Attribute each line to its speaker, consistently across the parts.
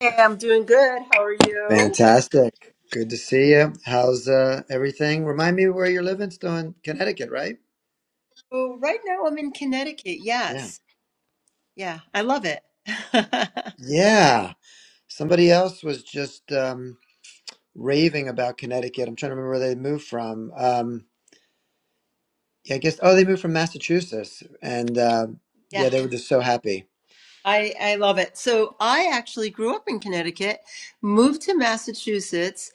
Speaker 1: Hey, I'm doing good. How are you?
Speaker 2: Fantastic. Good to see you. How's uh, everything? Remind me where you're living. Still in Connecticut, right?
Speaker 1: Oh, right now I'm in Connecticut.
Speaker 2: Yeah.
Speaker 1: Yes. Yeah, I love it.
Speaker 2: Yeah. Somebody else was just um, raving about Connecticut. I'm trying to remember where they moved from. Um, yeah, I guess, oh, they moved from Massachusetts. And uh,
Speaker 1: Yeah,
Speaker 2: yeah, they were just so happy.
Speaker 1: I I love it. So I actually grew up in Connecticut, moved to Massachusetts.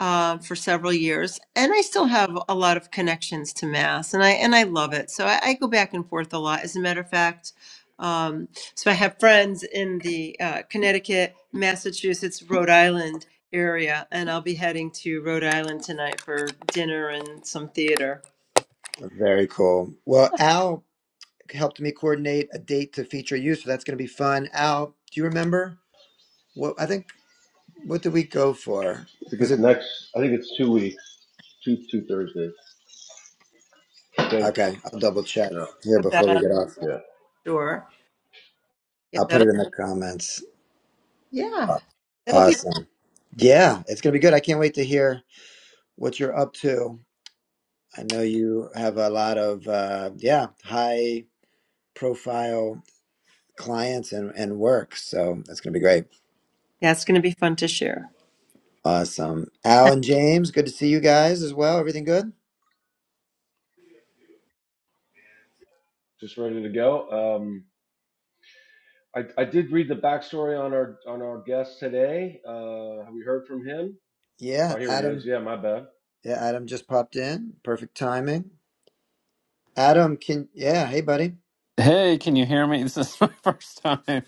Speaker 1: uh, for several years, and I still have a lot of connections to Mass, and I and I love it. So I, I go back and forth a lot. As a matter of fact, um, so I have friends in the uh, Connecticut, Massachusetts, Rhode Island area, and I'll be heading to Rhode Island tonight for dinner and some theater.
Speaker 2: Very cool. Well, Al helped me coordinate a date to feature you, so that's going to be fun. Al, do you remember? What I think, what did we go for?
Speaker 3: I think
Speaker 2: Was
Speaker 3: it's
Speaker 2: it?
Speaker 3: next. I think it's two weeks, two two Thursdays. I think.
Speaker 2: Okay, I'll double check
Speaker 3: Yeah,
Speaker 2: here
Speaker 1: Put that
Speaker 2: before we
Speaker 1: on
Speaker 2: get off.
Speaker 3: yeah.
Speaker 1: sure. Yeah,
Speaker 2: I'll put
Speaker 1: that'll
Speaker 2: it in the comments.
Speaker 1: yeah, that'll be
Speaker 2: Awesome. Yeah, it's gonna be good. I can't wait to hear what you're up to. I know you have a lot of uh, yeah high profile clients and and work, so that's gonna be great.
Speaker 1: that's going to be fun to share.
Speaker 2: Awesome. Al and James, good to see you guys as well. Everything good?
Speaker 3: Just ready to go. Um, I I did read the backstory on our on our guest today. Uh, have we heard from him? Oh,
Speaker 2: Yeah,
Speaker 3: here he is.
Speaker 2: Adam.
Speaker 3: Yeah, my bad.
Speaker 2: Yeah, Adam just popped in. Perfect timing. Adam, can yeah, hey buddy.
Speaker 4: Hey, can you hear me? This is my first time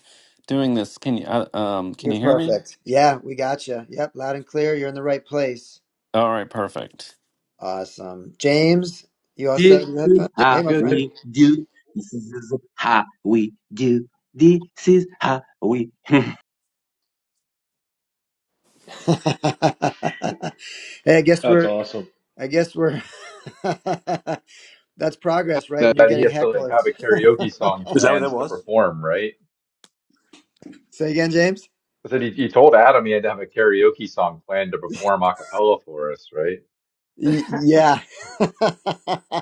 Speaker 4: doing this. Can you uh, um can
Speaker 2: You're
Speaker 4: you hear me?
Speaker 2: perfect. Yeah, we got you. Yep, loud and clear. You're in the right place.
Speaker 4: All right, perfect.
Speaker 2: Awesome. James, you all set
Speaker 5: This
Speaker 2: with your
Speaker 5: is
Speaker 6: Yeah,
Speaker 2: headphones? Hey,
Speaker 5: how
Speaker 2: my friend.
Speaker 6: good.
Speaker 5: we do. This is how we do. This is how we.
Speaker 2: hey, I guess
Speaker 3: That's
Speaker 2: we're,
Speaker 3: awesome.
Speaker 2: I guess we're, that's progress, right?
Speaker 6: That
Speaker 2: When you're
Speaker 6: that he
Speaker 2: getting
Speaker 6: has to like have
Speaker 2: hecklers.
Speaker 6: a karaoke song
Speaker 7: Is that what
Speaker 6: planned
Speaker 7: that
Speaker 6: to
Speaker 7: was?
Speaker 6: perform, right?
Speaker 2: Say again, James?
Speaker 6: I said he, he told Adam he had to have a karaoke song planned to perform a cappella for us, right?
Speaker 2: Y- yeah.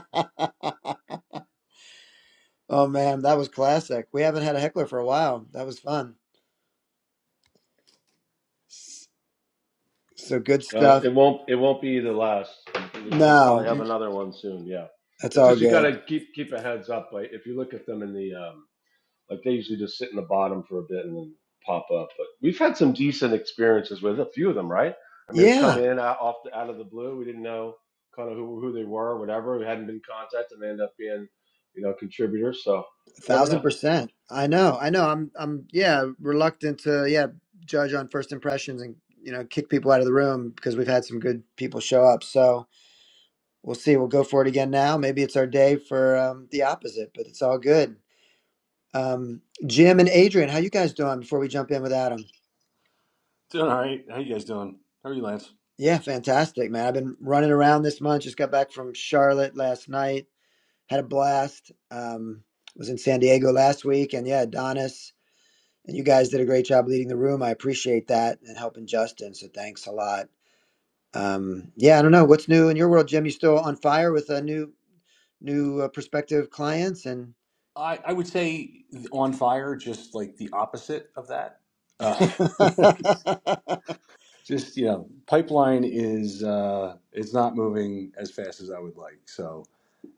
Speaker 2: oh, man, that was classic. We haven't had a heckler for a while. That was fun. S- So good
Speaker 3: Uh,
Speaker 2: stuff.
Speaker 3: it won't it won't be the last. We'll
Speaker 2: No,
Speaker 3: probably have another one soon. Yeah.
Speaker 2: that's
Speaker 3: It's
Speaker 2: all
Speaker 3: just you got
Speaker 2: good.
Speaker 3: to keep keep a heads up. Like if you look at them in the um, Like they usually just sit in the bottom for a bit and then pop up. But we've had some decent experiences with a few of them, right? I mean, we've
Speaker 2: Yeah.
Speaker 3: come in out, off the, out of the blue. We didn't know kind of who who they were, or whatever. We hadn't been contacted, and they end up being, you know, contributors. So you never
Speaker 2: thousand
Speaker 3: know.
Speaker 2: percent. I know. I know. I'm. I'm. Yeah, reluctant to. Yeah, judge on first impressions and you know kick people out of the room because we've had some good people show up. So we'll see. We'll go for it again now. Maybe it's our day for um, the opposite, but it's all good. Um, Jim and Adrian, how you guys doing? Before we jump in with Adam.
Speaker 7: Doing all right. How you guys doing? How are you, Lance?
Speaker 2: Yeah, fantastic, man. I've been running around this month. Just got back from Charlotte last night. Had a blast. Um, was in San Diego last week, and yeah, Adonis. And you guys did a great job leading the room. I appreciate that and helping Justin. So thanks a lot. Um, yeah, I don't know what's new in your world, Jim. You still on fire with a new new uh, prospective clients and
Speaker 7: I, I would say on fire, just like the opposite of that. Uh, just you know, pipeline is uh, it's not moving as fast as I would like. So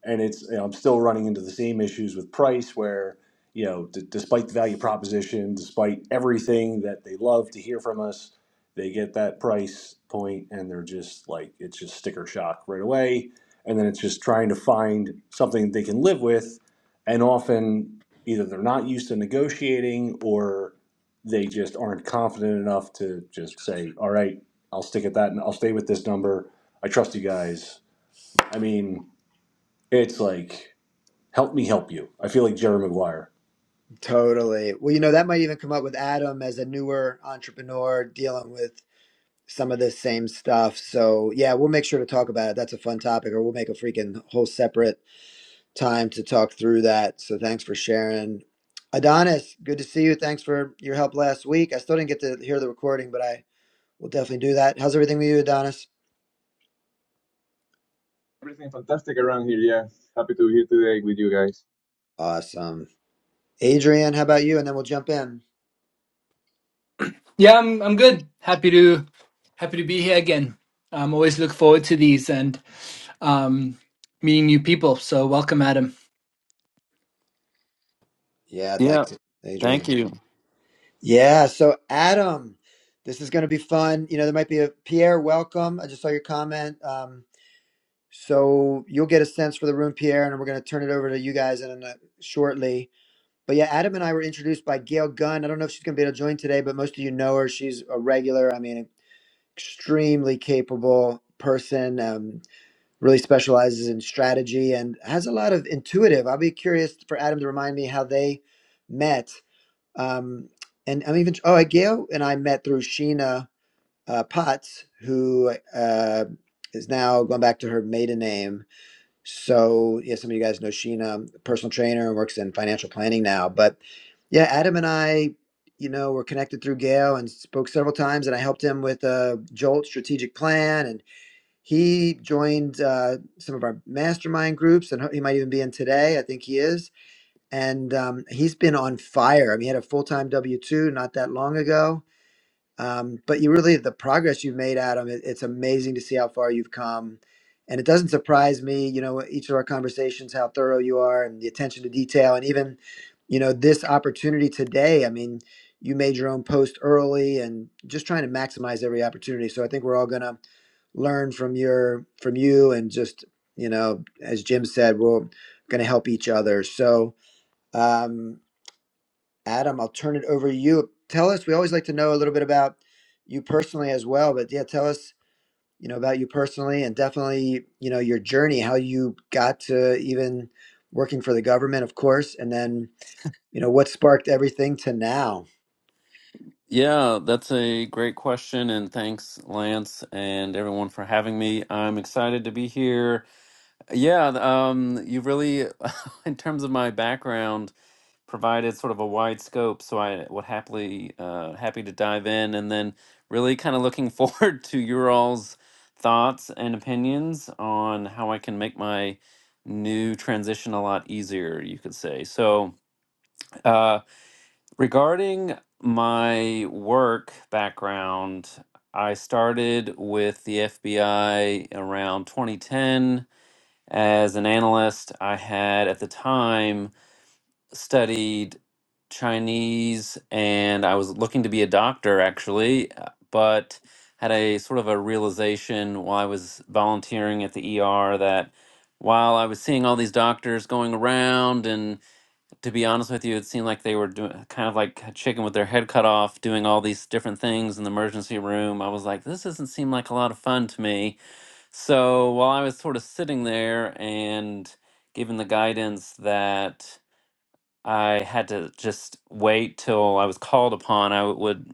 Speaker 7: and it's you know, I'm still running into the same issues with price where you know d- despite the value proposition, despite everything that they love to hear from us, they get that price point and they're just like it's just sticker shock right away, and then it's just trying to find something they can live with, and often either they're not used to negotiating or they just aren't confident enough to just say, all right, I'll stick at that and I'll stay with this number. I trust you guys. I mean, it's like Help me help you. I feel like Jerry Maguire.
Speaker 2: totally well you know that might even come up with adam as a newer entrepreneur dealing with some of the same stuff so yeah we'll make sure to talk about it that's a fun topic or we'll make a freaking whole separate time to talk through that. So thanks for sharing. Adonis, good to see you. Thanks for your help last week. I still didn't get to hear the recording, but I will definitely do that. How's everything with you, Adonis?
Speaker 8: Everything fantastic around here. Yeah, happy to be here today with you guys.
Speaker 2: Awesome. Adrian, how about you? And then we'll jump in.
Speaker 9: Yeah, I'm I'm good. Happy to happy to be here again. I'm always look forward to these and um, meeting new people. So welcome, Adam.
Speaker 2: Yeah,
Speaker 4: Yeah,
Speaker 2: thanks, Adrian.
Speaker 4: thank you.
Speaker 2: Yeah, so Adam, this is going to be fun. You know, there might be a Pierre, welcome. I just saw your comment. Um, so you'll get a sense for the room, Pierre, and we're going to turn it over to you guys in a, shortly But yeah, Adam and I were introduced by Gail Gunn. I don't know if she's going to be able to join today, but most of you know her. She's a regular, I mean, extremely capable person, um, really specializes in strategy and has a lot of intuitive. I'll be curious for Adam to remind me how they met. Um, and I'm even, oh, Gail and I met through Sheena uh, Potts, who uh, is now going back to her maiden name so, yeah, some of you guys know Sheena, personal trainer, and works in financial planning now. But yeah, Adam and I, you know, were connected through Gail and spoke several times, and I helped him with a Jolt strategic plan. And he joined uh, some of our mastermind groups, and he might even be in today. I think he is. And um, he's been on fire. I mean, he had a full time W 2 not that long ago um, but you really, the progress you've made, Adam, it, it's amazing to see how far you've come. And it doesn't surprise me, you know, each of our conversations, how thorough you are and the attention to detail. And even, you know, this opportunity today, I mean, you made your own post early and just trying to maximize every opportunity. So I think we're all going to learn from your, from you and just, you know, as Jim said, we're going to help each other. So, um, Adam, I'll turn it over to you. Tell us, we always like to know a little bit about you personally as well, but yeah, tell us, you know, about you personally and definitely, you know, your journey, how you got to even working for the government, of course, and then, you know, what sparked everything to now.
Speaker 4: Yeah, that's a great question and thanks Lance and everyone for having me. I'm excited to be here. Yeah, th- um, you really, in terms of my background, provided sort of a wide scope, so I would happily, uh, happy to dive in, and then really kind of looking forward to your all's thoughts and opinions on how I can make my new transition a lot easier, you could say. So, uh, regarding my work background, I started with the FBI around 2010 as an analyst, I had at the time studied Chinese and I was looking to be a doctor actually, uh, but had a sort of a realization while I was volunteering at the ER that while I was seeing all these doctors going around, and to be honest with you, it seemed like they were doing kind of like a chicken with their head cut off, doing all these different things in the emergency room. I was like, this doesn't seem like a lot of fun to me so while I was sort of sitting there and given the guidance that I had to just wait till I was called upon. I would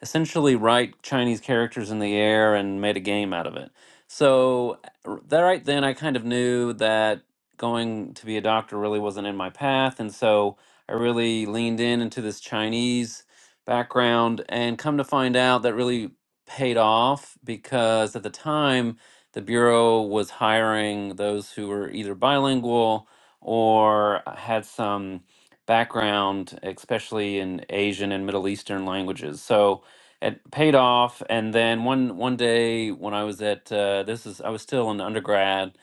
Speaker 4: essentially write Chinese characters in the air and made a game out of it. So, r- that right then, I kind of knew that going to be a doctor really wasn't in my path. And so I really leaned in into this Chinese background and come to find out that really paid off because at the time, the Bureau was hiring those who were either bilingual or had some background, especially in Asian and Middle Eastern languages. So it paid off. And then one one day when I was at uh, this is I was still an undergrad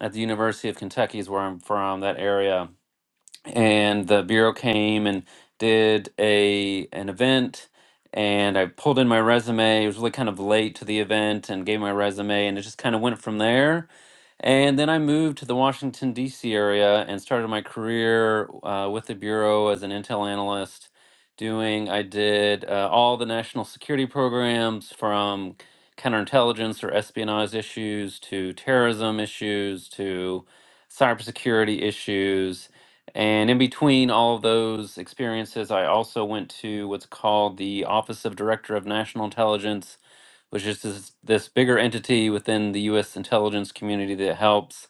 Speaker 4: at the University of Kentucky is where I'm from that area and the bureau came and did a an event and I pulled in my resume. It was really kind of late to the event and gave my resume and it just kind of went from there. And then I moved to the Washington DC area and started my career uh, with the bureau as an intel analyst doing I did uh, all the national security programs from counterintelligence or espionage issues to terrorism issues to cybersecurity issues and in between all of those experiences, I also went to what's called the Office of Director of National Intelligence, which is this, this bigger entity within the U.S. intelligence community that helps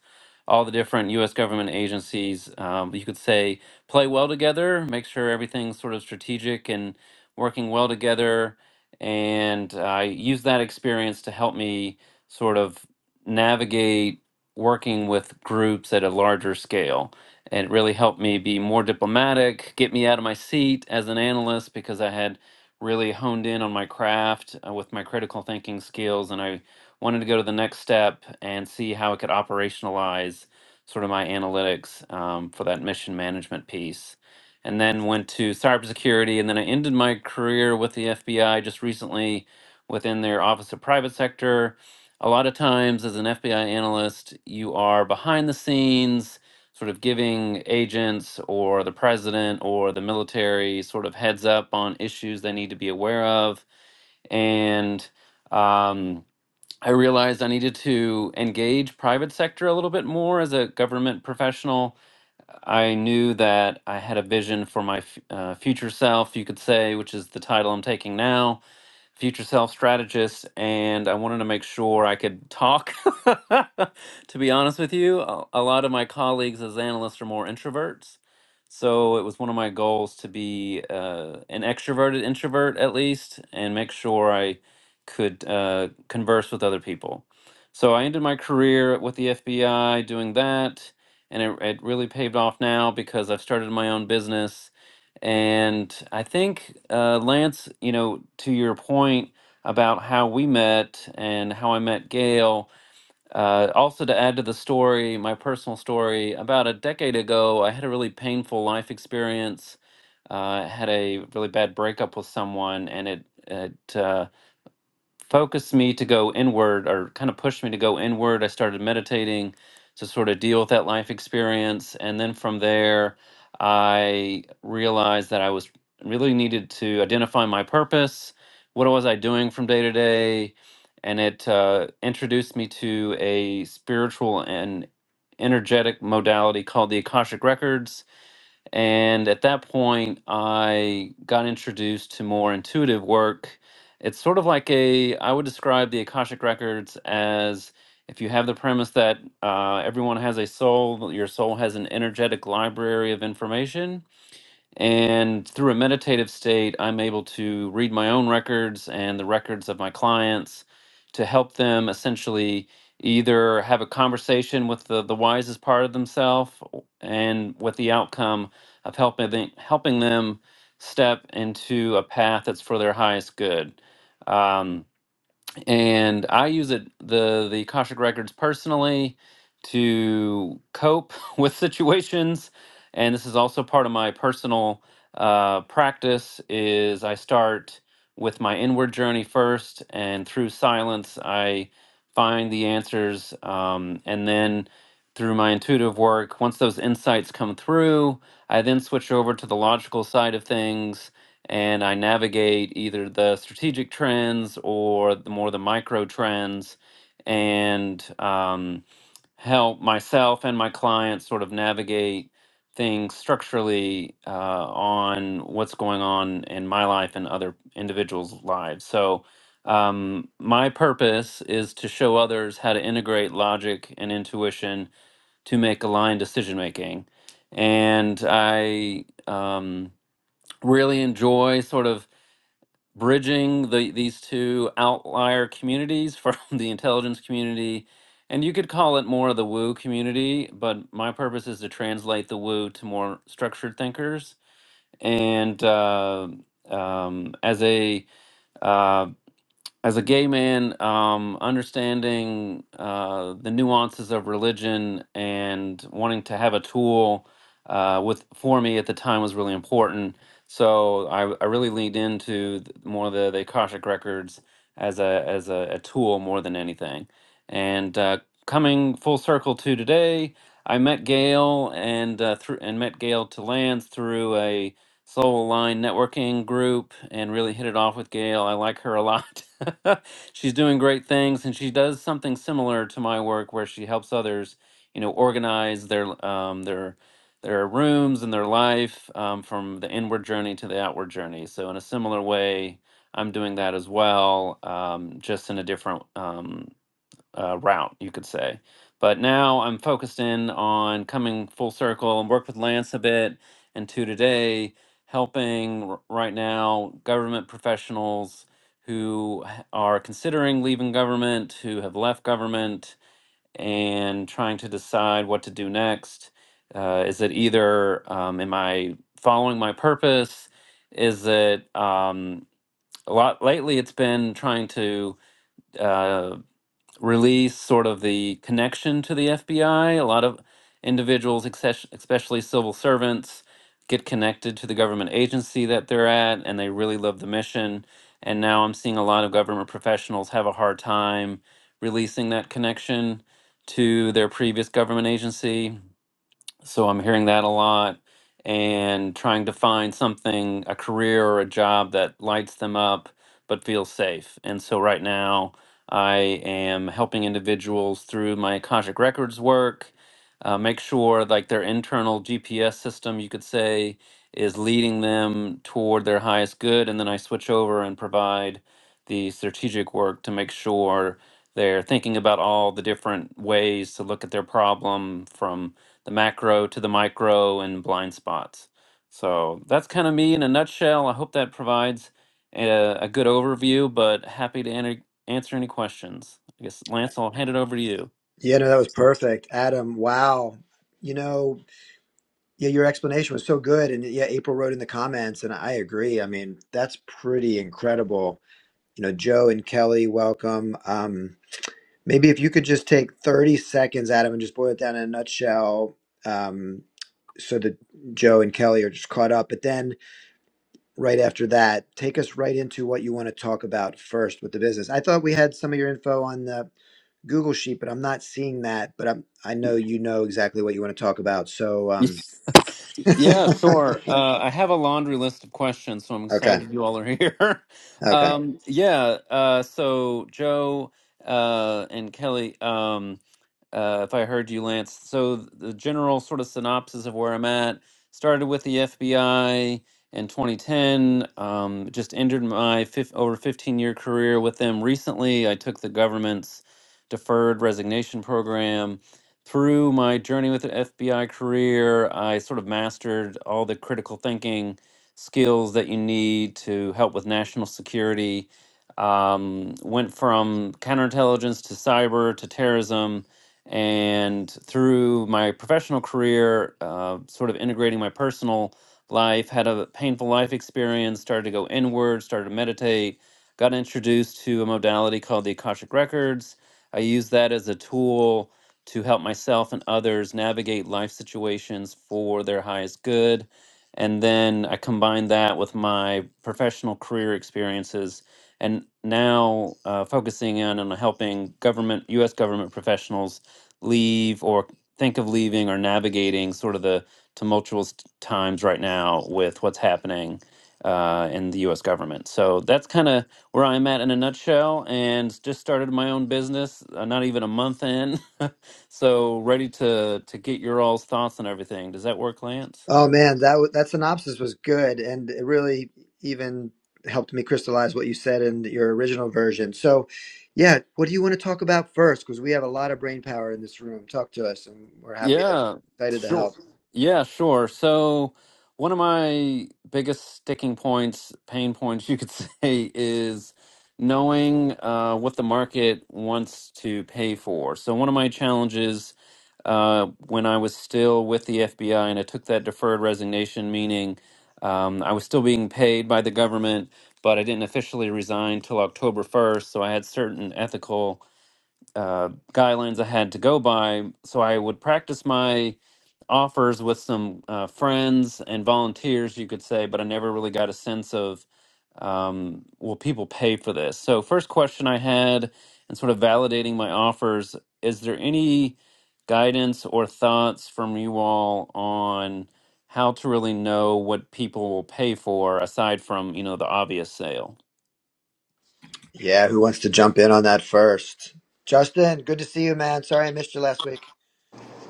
Speaker 4: all the different U.S. government agencies, um, you could say, play well together, make sure everything's sort of strategic and working well together. And I used that experience to help me sort of navigate working with groups at a larger scale it really helped me be more diplomatic, get me out of my seat as an analyst because I had really honed in on my craft uh, with my critical thinking skills. And I wanted to go to the next step and see how I could operationalize sort of my analytics um, for that mission management piece. And then went to cybersecurity. And then I ended my career with the FBI just recently within their Office of Private Sector. A lot of times, as an FBI analyst, you are behind the scenes sort of giving agents or the president or the military sort of heads up on issues they need to be aware of. And um, I realized I needed to engage private sector a little bit more as a government professional I knew that I had a vision for my f- uh, future self, you could say, which is the title I'm taking now, future self strategist. And I wanted to make sure I could talk. to be honest with you, a a lot of my colleagues as analysts are more introverts. So it was one of my goals to be uh, an extroverted introvert at least and make sure I could uh, converse with other people. So I ended my career with the FBI doing that and it, it really paved off now because I've started my own business. And I think, uh, Lance, you know, to your point about how we met and how I met Gail, uh, also to add to the story, my personal story, about a decade ago, I had a really painful life experience. Uh, had a really bad breakup with someone, and it it uh, focused me to go inward or kind of pushed me to go inward. I started meditating to sort of deal with that life experience. And then from there, I realized that I was really needed to identify my purpose. What was I doing from day to day? And it uh, introduced me to a spiritual and energetic modality called the Akashic Records and at that point, I got introduced to more intuitive work. It's sort of like a, I would describe the Akashic Records as if you have the premise that uh, everyone has a soul, your soul has an energetic library of information and through a meditative state, I'm able to read my own records and the records of my clients to help them essentially either have a conversation with the, the wisest part of themselves and with the outcome of helping them, helping them step into a path that's for their highest good. Um, and I use it the the Akashic records personally to cope with situations, and this is also part of my personal uh, practice. Is I start with my inward journey first, and through silence, I find the answers, um, and then through my intuitive work, once those insights come through, I then switch over to the logical side of things and I navigate either the strategic trends or the more the micro trends and um, help myself and my clients sort of navigate things structurally uh, on what's going on in my life and other individuals' lives. So um, my purpose is to show others how to integrate logic and intuition to make aligned decision making. And I um, really enjoy sort of bridging the these two outlier communities from the intelligence community and you could call it more of the woo community but my purpose is to translate the woo to more structured thinkers and uh, um, as a uh, as a gay man, um, understanding uh, the nuances of religion and wanting to have a tool uh, with for me at the time was really important. So I, I really leaned into th- more the, the Akashic records as a as a, a tool more than anything. And uh, coming full circle to today, I met Gail and uh, through and met Gail to Lands through a Soul Line Networking Group and really hit it off with Gail. I like her a lot. She's doing great things and she does something similar to my work where she helps others, you know, organize their um, their their rooms and their life um, from the inward journey to the outward journey. So in a similar way, I'm doing that as well, um, just in a different um uh, route, you could say. But now I'm focused in on coming full circle and work with Lance a bit, and to today, helping r- right now government professionals who h- are considering leaving government, who have left government, and trying to decide what to do next. Uh, is it either um, am I following my purpose? Is it um, a lot lately? It's been trying to uh, release sort of the connection to the FBI. A lot of individuals, exces- especially civil servants, get connected to the government agency that they're at and they really love the mission. And now I'm seeing a lot of government professionals have a hard time releasing that connection to their previous government agency. So I'm hearing that a lot and trying to find something, a career or a job that lights them up but feels safe. And so right now I am helping individuals through my Akashic Records work, uh, make sure like their internal GPS system, you could say, is leading them toward their highest good. And then I switch over and provide the strategic work to make sure they're thinking about all the different ways to look at their problem from the macro to the micro and blind spots. So that's kind of me in a nutshell. I hope that provides a, a good overview, but happy to enter, answer any questions. I guess, Lance, I'll hand it over to you.
Speaker 2: Yeah, no, that was perfect. Adam, wow. You know, yeah, your explanation was so good. And yeah, April wrote in the comments, and I agree. I mean, that's pretty incredible. You know, Joe and Kelly, welcome. Um, Maybe if you could just take 30 seconds, Adam, and just boil it down in a nutshell um, so that Joe and Kelly are just caught up. But then right after that, take us right into what you want to talk about first with the business. I thought we had some of your info on the Google Sheet, but I'm not seeing that. But I'm, I know you know exactly what you want to talk about. So, um,
Speaker 4: Yeah, sure. Uh, I have a laundry list of questions, so I'm
Speaker 2: okay.
Speaker 4: excited you all are here.
Speaker 2: Okay.
Speaker 4: Um, yeah, uh, so Joe uh, and Kelly. Um, uh, if I heard you, Lance. So the general sort of synopsis of where I'm at started with the FBI in 2010. Um, just ended my fif- over 15 year career with them recently. I took the government's deferred resignation program. Through my journey with the FBI career, I sort of mastered all the critical thinking skills that you need to help with national security. Um, went from counterintelligence to cyber to terrorism and through my professional career, uh, sort of integrating my personal life, had a painful life experience, started to go inward, started to meditate, got introduced to a modality called the Akashic Records. I use that as a tool to help myself and others navigate life situations for their highest good. And then I combine that with my professional career experiences and now uh, focusing in on helping government, U.S. government professionals leave or think of leaving or navigating sort of the tumultuous t- times right now with what's happening uh, in the U.S. government. So that's kind of where I'm at in a nutshell, and just started my own business. Uh, not even a month in, so ready to to get your all's thoughts on everything. Does that work, Lance?
Speaker 2: Oh man, that wa- that synopsis was good, and it really even helped me crystallize what you said in your original version. So, yeah, what do you want to talk about first? Because we have a lot of brain power in this room. Talk to us, and we're happy to
Speaker 4: Yeah,
Speaker 2: excited to
Speaker 4: sure.
Speaker 2: help.
Speaker 4: Yeah, sure. So, one of my biggest sticking points, pain points, you could say, is knowing uh, what the market wants to pay for. So, one of my challenges uh, when I was still with the FBI and I took that deferred resignation, meaning um, I was still being paid by the government, but I didn't officially resign till October 1st. So, I had certain ethical uh, guidelines I had to go by. So I would practice my offers with some uh, friends and volunteers, you could say, but I never really got a sense of um, will people pay for this? So, first question I had, and sort of validating my offers, is there any guidance or thoughts from you all on how to really know what people will pay for aside from you know the obvious sale
Speaker 2: Yeah, who wants to jump in on that first? Justin, good to see you, man. Sorry I missed you last week.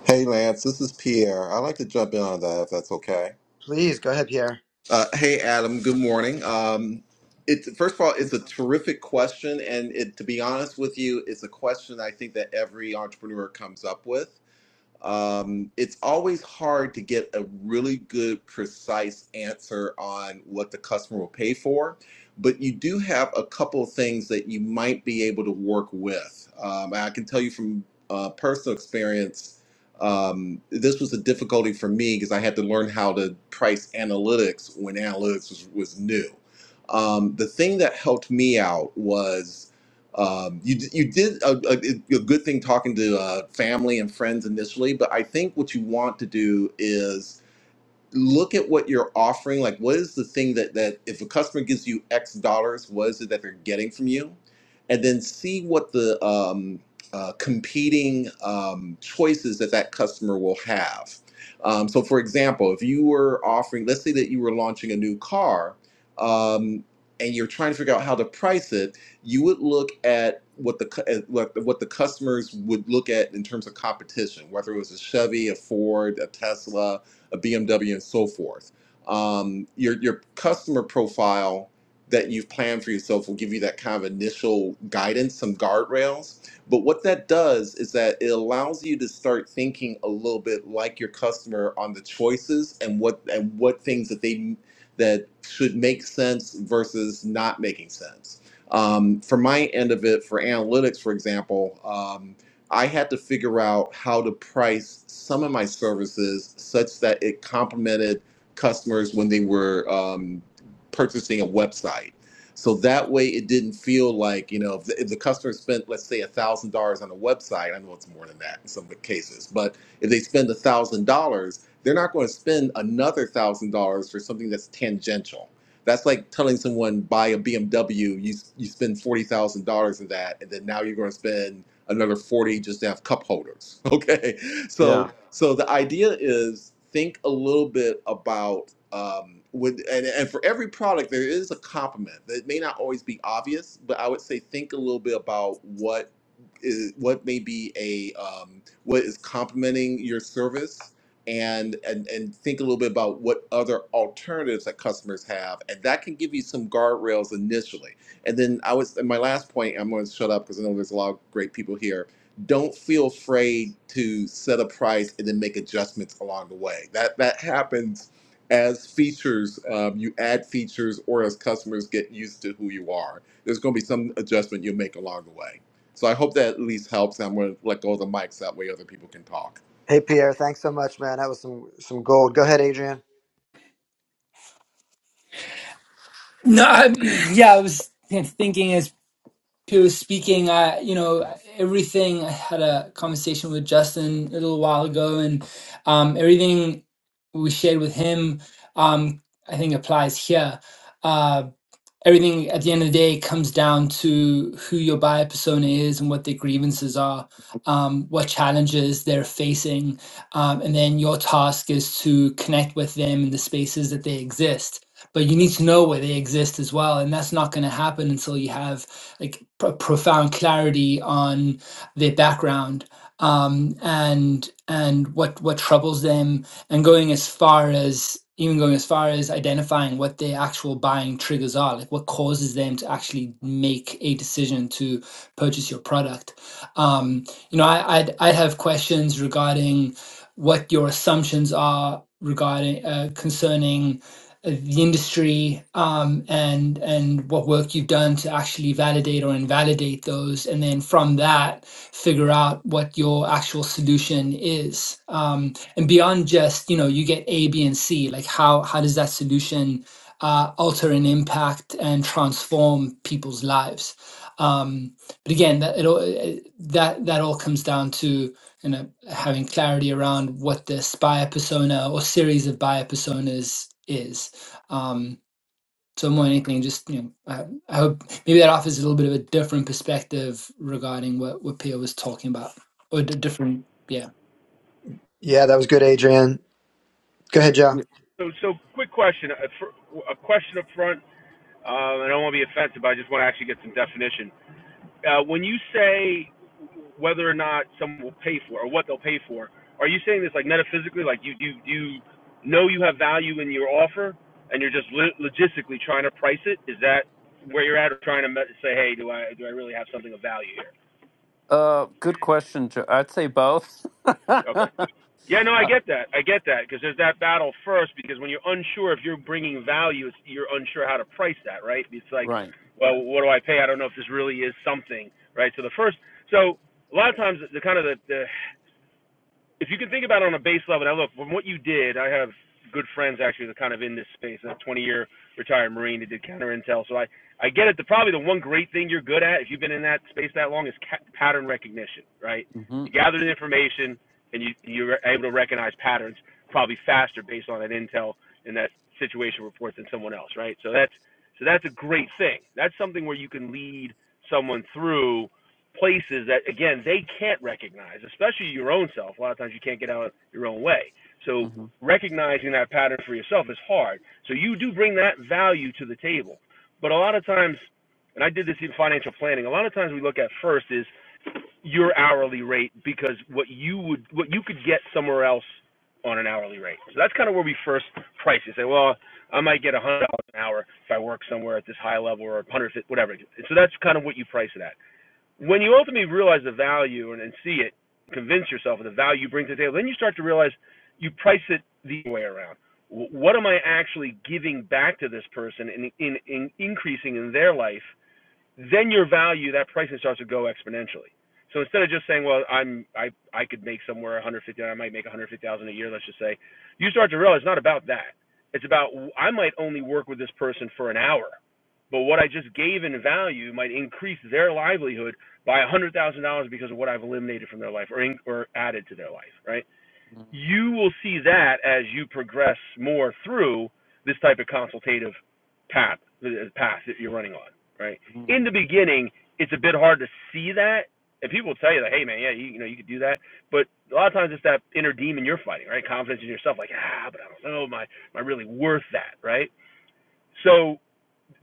Speaker 10: Hey Lance, this is Pierre. I'd like to jump in on that if that's okay.
Speaker 2: Please go ahead, Pierre.
Speaker 10: Uh, hey Adam, good morning. Um, it, first of all, it's a terrific question, and it, to be honest with you, it's a question I think that every entrepreneur comes up with um, it's always hard to get a really good, precise answer on what the customer will pay for. But you do have a couple of things that you might be able to work with. Um, I can tell you from uh, personal experience, um, this was a difficulty for me because I had to learn how to price analytics when analytics was, was new. Um, the thing that helped me out was. Um, you d- you did a, a, a good thing talking to uh, family and friends initially, but I think what you want to do look at what you're offering like what is the thing that that if a customer gives you x dollars what is it that they're getting from you and then see what the um, uh, competing um, choices that that customer will have um, so for example if you were offering let's say that you were launching a new car um, and you're trying to figure out how to price it you would look at what the cu- at what what the customers would look at in terms of competition whether it was a chevy a ford a tesla a BMW, and so forth. Um, your your customer profile that you've planned for yourself will give you that kind of initial guidance, some guardrails. But what that does is that it allows you to start thinking a little bit like your customer on the choices and what and what things that they that should make sense versus not making sense. Um, for my end of it, for analytics, for example, um, I had to figure out how to price some of my services such that it complemented customers when they were um, purchasing a website. So that way, it didn't feel like you know if the, if the customer spent let's say a thousand dollars on a website. I know it's more than that in some cases, but if they spend a thousand dollars, they're not going to spend another one thousand dollars for something that's tangential. That's like telling someone buy a BMW. You you spend forty thousand dollars in that, and then now you're going to spend another 40 just to have cup holders. Okay. So
Speaker 4: yeah
Speaker 10: so the idea is think a little bit about um with and, and for every product there is a complement. that may not always be obvious, but I would say think a little bit about what is what may be a um, what is complementing your service and and and think a little bit about what other alternatives that customers have and that can give you some guardrails initially and then i was and my last point i'm going to shut up because i know there's a lot of great people here don't feel afraid to set a price and then make adjustments along the way that that happens as features um, you add features or as customers get used to who you are there's going to be some adjustment you'll make along the way so I hope that at least helps. I'm going to let go of the mics that way other people can talk.
Speaker 2: Hey, Pierre, thanks so much, man. That was some some gold. Go ahead, Adrian.
Speaker 9: No, I, yeah, I was thinking as Peter was speaking. I, you know, everything. I had a conversation with Justin a little while ago, and um, everything we shared with him, um, I think applies here. Um, everything at the end of the day comes down to who your buyer persona is and what their grievances are, um, what challenges they're facing, um, and then your task is to connect with them in the spaces that they exist. But you need to know where they exist as well, and that's not going to happen until you have like pro- profound clarity on their background um, and and what what troubles them, and going as far as even going as far as identifying what the actual buying triggers are, like what causes them to actually make a decision to purchase your product. Um, you know, I, I'd, I'd have questions regarding what your assumptions are regarding uh, concerning uh, the industry um, and and what work you've done to actually validate or invalidate those, and then from that figure out what your actual solution is. Um, and beyond just you know you get a b and c like how how does that solution uh, alter and impact and transform people's lives um, but again that it all eh, that that all comes down to you know having clarity around what this buyer persona or series of buyer personas is um, so more than anything just you know I, I hope maybe that offers a little bit of a different perspective regarding what what Pia was talking about or d- different yeah.
Speaker 2: Yeah, that was good, Adrian. Go ahead, Joe.
Speaker 4: Y-
Speaker 11: So, so quick question, a, fr- a question up front. Uh, I don't want to be offensive, but I just want to actually get some definition. Uh, when you say whether or not someone will pay for or what they'll pay for, are you saying this like metaphysically, like you you you know you have value in your offer, and you're just lo- logistically trying to price it? Is that where you're at, or trying to me- say, hey, do I do I really have something of value?
Speaker 4: uh good question Jo- i'd say both
Speaker 11: Okay. Yeah, no, I
Speaker 4: Uh,
Speaker 11: get that. I get that because there's that battle first. Because when you're unsure if you're bringing value, it's, you're unsure how to price that, right? It's like,
Speaker 4: right.
Speaker 11: well, what do I pay? I don't know if this really is something, right? So the first, so a lot of times the the kind of the, the if you can think about it on a base level, now look, from what you did, I have good friends actually that are kind of in this space. A 20 year retired Marine that did counter intel. So I, I get it. The, probably the one great thing you're good at, if you've been in that space that long, is ca- pattern recognition, right?
Speaker 4: Mm-hmm.
Speaker 11: You gather the information and you, you're able to recognize patterns probably faster based on that intel and that situation report than someone else, right? So that's, so that's a great thing. That's something where you can lead someone through places that again they can't recognize, especially your own self. A lot of times you can't get out your own way. So
Speaker 4: Mm-hmm.
Speaker 11: recognizing that pattern for yourself is hard. So you do bring that value to the table. But a lot of times, and I did this in financial planning, a lot of times we look at first is your hourly rate because what you would what you could get somewhere else on an hourly rate. So that's kind of where we first price it. Say, well, I might get $100 an hour if I work somewhere at this high level or 100 whatever. So that's kind of what you price it at. When you ultimately realize the value and, and see it, convince yourself of the value you bring to the table, then you start to realize you price it the way around. What am I actually giving back to this person and in, in, in increasing in their life then your value, that pricing starts to go exponentially. So instead of just saying, well, I'm I I could make somewhere 150, I might make 150,000 a year, let's just say, you start to realize it's not about that. It's about I might only work with this person for an hour, but what I just gave in value might increase their livelihood by $100,000 because of what I've eliminated from their life or in, or added to their life, right? you will see that as you progress more through this type of consultative path uh, path that you're running on, right? In
Speaker 4: Mm-hmm.
Speaker 11: the beginning, it's a bit hard to see that, and people will tell you that, hey man, yeah, you, you know, you could do that, but a lot of times it's that inner demon you're fighting, right? Confidence in yourself, like ah, but I don't know, am I, am I really worth that, right? So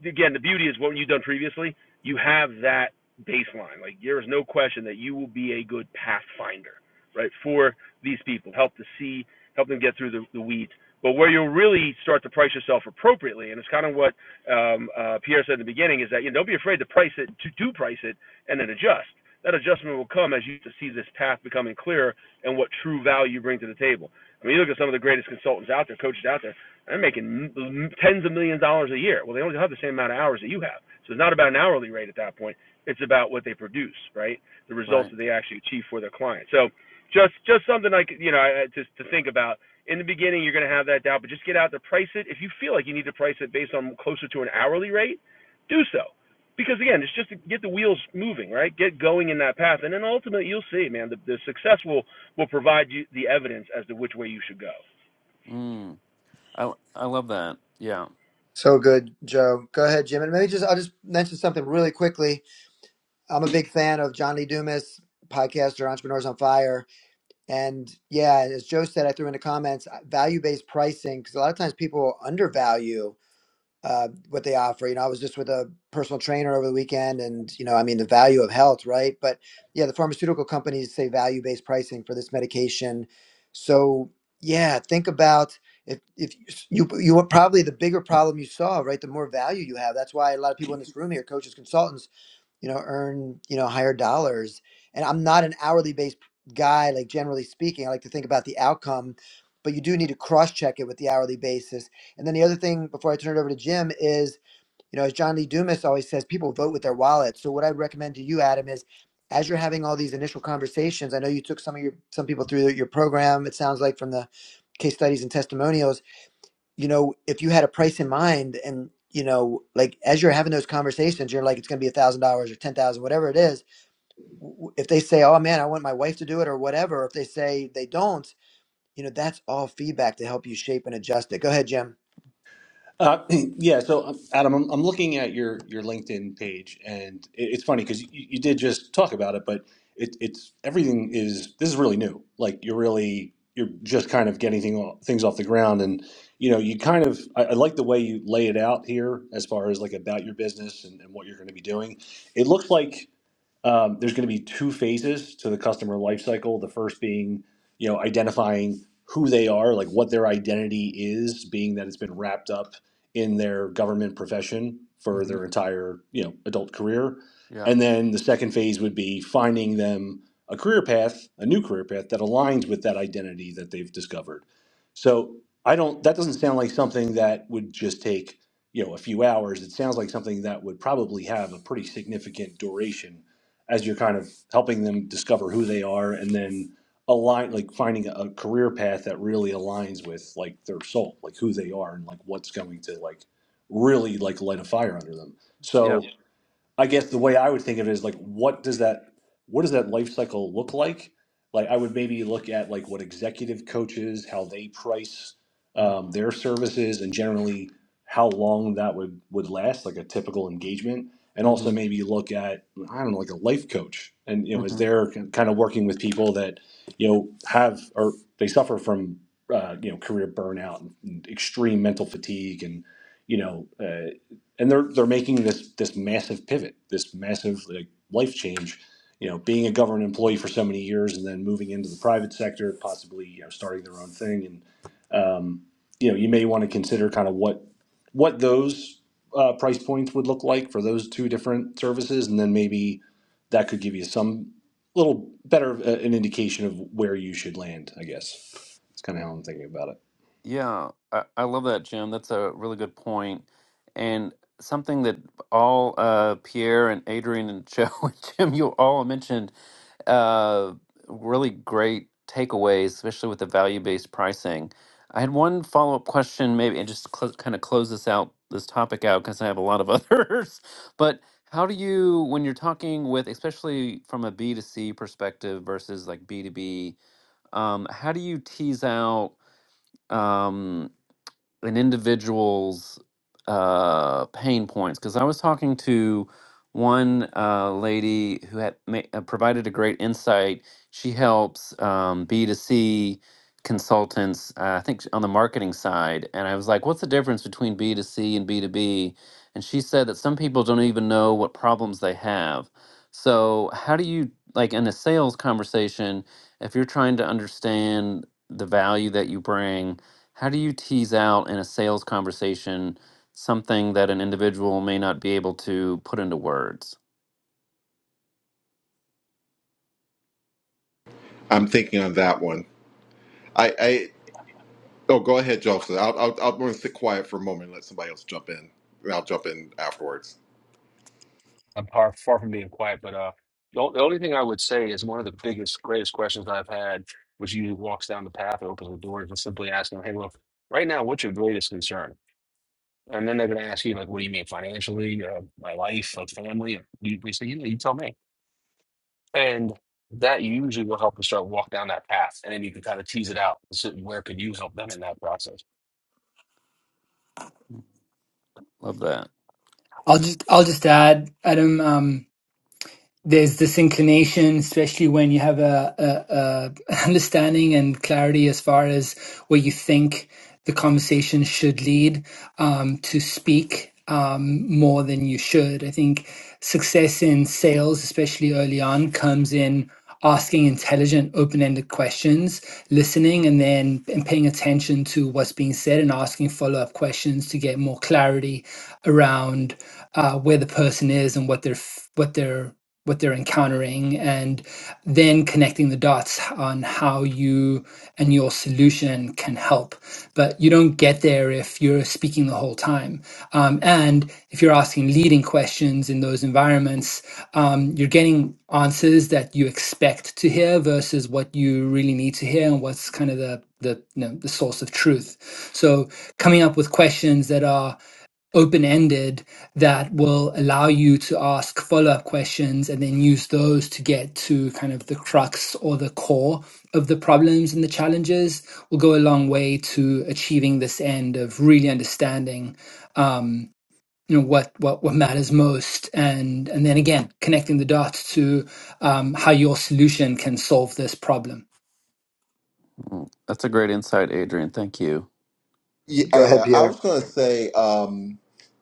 Speaker 11: again, the beauty is what you've done previously, you have that baseline. Like there is no question that you will be a good pathfinder, right, for these people. Help to see, help them get through the, the weeds. But where you'll really start to price yourself appropriately, and it's kind of what um, uh, Pierre said in the beginning, is that you know, don't be afraid to price it, to do price it, and then adjust. That adjustment will come as you see this path becoming clearer and what true value you bring to the table. I mean, you look at some of the greatest consultants out there, coaches out there they're making tens of millions of dollars a year. Well, they only have the same amount of hours that you have. So it's not about an hourly rate at that point. It's about what they produce, right? The results
Speaker 4: Right.
Speaker 11: that they actually achieve for their clients. So just just something like you know just to think about. In the beginning, you're going to have that doubt, but just get out there, price it. If you feel like you need to price it based on closer to an hourly rate, do so. Because again, it's just to get the wheels moving, right? Get going in that path, and then ultimately you'll see, man, the, the success will will provide you the evidence as to which way you should go.
Speaker 4: Mm. I I love that. Yeah.
Speaker 2: So good, Joe. Go ahead, Jim. And maybe just I'll just mention something really quickly. I'm a big fan of John Lee Dumas, podcaster, Entrepreneurs on Fire. And yeah, as Joe said, I threw in the comments value based pricing because a lot of times people undervalue uh, what they offer. You know, I was just with a personal trainer over the weekend, and you know, I mean, the value of health, right? But yeah, the pharmaceutical companies say value-based pricing for this medication. So yeah, think about if if you you were probably the bigger problem you solve, right? The more value you have. That's why a lot of people in this room here, coaches, consultants you know earn you know higher dollars and i'm not an hourly based guy like generally speaking i like to think about the outcome but you do need to cross check it with the hourly basis and then the other thing before i turn it over to jim is you know as john lee dumas always says people vote with their wallet so what i'd recommend to you adam is as you're having all these initial conversations i know you took some of your some people through your program it sounds like from the case studies and testimonials you know, if you had a price in mind and, you know, like as you're having those conversations, you're like, it's going to be a thousand dollars or 10,000, whatever it is. w- If they say, oh man, I want my wife to do it or whatever, if they say they don't, you know, that's all feedback to help you shape and adjust it. Go ahead, Jim.
Speaker 7: Uh, yeah, so um, Adam, I'm, I'm looking at your your LinkedIn page, and it, it's funny because you, you did just talk about it, but it, it's everything is this is really new. Like you're really you're just kind of getting thing, off- things off the ground, and you know you kind of I, I like the way you lay it out here as far as like about your business and, and what you're going to be doing. It looks like. Um, there's going to be two phases to the customer lifecycle. The first being, you know, identifying who they are, like what their identity is, being that it's been wrapped up in their government profession for
Speaker 4: Mm-hmm.
Speaker 7: their entire, you know, adult career.
Speaker 4: Yeah.
Speaker 7: And then the second phase would be finding them a career path, a new career path that aligns with that identity that they've discovered. So I don't. That doesn't sound like something that would just take you know a few hours. It sounds like something that would probably have a pretty significant duration as you're kind of helping them discover who they are and then align like finding a career path that really aligns with like their soul like who they are and like what's going to like really like light a fire under them
Speaker 4: Yep.
Speaker 7: so I guess the way I would think of it is like, what does that what does that life cycle look like? Like, I would maybe look at like what executive coaches, how they price
Speaker 4: mm,
Speaker 7: um, their services, and generally how long that would would last, like a typical engagement, and also
Speaker 4: Mm-hmm.
Speaker 7: maybe look at I don't know, like a life coach, and you know, is
Speaker 4: Mm-hmm.
Speaker 7: they're kind of working with people that you know have or they suffer from uh, you know career burnout and extreme mental fatigue and you know. Uh, and they're they're making this this massive pivot, this massive like life change. You know, being a government employee for so many years and then moving into the private sector, possibly you know starting their own thing, and um, you know you may want to consider kind of what what those uh, price points would look like for those two different services, and then maybe that could give you some little better of an indication of where you should land. I guess it's kind of how I'm thinking about it.
Speaker 4: Yeah. I, I love that, Jim. That's a really good point. And something that all uh Pierre and Adrian and Joe and Jim, you all mentioned uh, really great takeaways, especially with the value-based pricing. I had one follow-up question, maybe, and just cl- kind of close this out, this topic out, because I have a lot of others. But how do you, when you're talking with, especially from ab to B2C perspective versus like b to b um, how do you tease out? um, an individual's uh, pain points because I was talking to one uh, lady who had ma- uh, provided a great insight. She helps um, B2C consultants, uh, I think on the marketing side. And I was like, what's the difference between B2C and B2B? And she said that some people don't even know what problems they have. So, how do you, like in a sales conversation, if you're trying to understand the value that you bring, how do you tease out in a sales conversation something that an individual may not be able to put into words?
Speaker 10: I'm thinking on that one. I, I oh, go ahead, Joseph. I'll, I'll, I'll, I'm going to sit quiet for a moment and let somebody else jump in. And I'll jump in afterwards.
Speaker 11: I'm far, far from being quiet, but uh, the, o- the only thing I would say is one of the biggest, greatest questions I've had, which usually walks down the path and opens the doors, and simply asking, "Hey, look, right now, what's your greatest concern?" And then they're going to ask you, like, "What do you mean financially? Uh, my life, like family?" You, we say, "You know, you tell me." And that usually will help us start walk down that path, and then you can kind of tease it out. So where could you help them in that process?
Speaker 4: Love that.
Speaker 9: I'll just I'll just add, Adam. Um, there's this inclination, especially when you have a, a, a understanding and clarity as far as where you think the conversation should lead, um, to speak um, more than you should. I think success in sales, especially early on, comes in asking intelligent, open ended questions, listening, and then and paying attention to what's being said and asking follow up questions to get more clarity around uh, where the person is and what they're f- what they're what they're encountering, and then connecting the dots on how you you and your solution can help. But you don't get there if you're speaking the whole time. Um, and if you're asking leading questions in those environments, um, you're getting answers that you expect to hear versus what you really need to hear and what's kind of the the you know, the source of truth. So coming up with questions that are open ended that will allow you to ask follow up questions and then use those to get to kind of the crux or the core of the problems and the challenges will go a long way to achieving this end of really understanding um, you know what, what what matters most and and then again connecting the dots to um, how your solution can solve this problem
Speaker 4: Mm, That's a great insight, Adrian. Thank you.
Speaker 10: Yeah,
Speaker 2: Go
Speaker 10: I
Speaker 2: ahead,
Speaker 10: uh, I
Speaker 2: Pierre.
Speaker 10: was going to say um,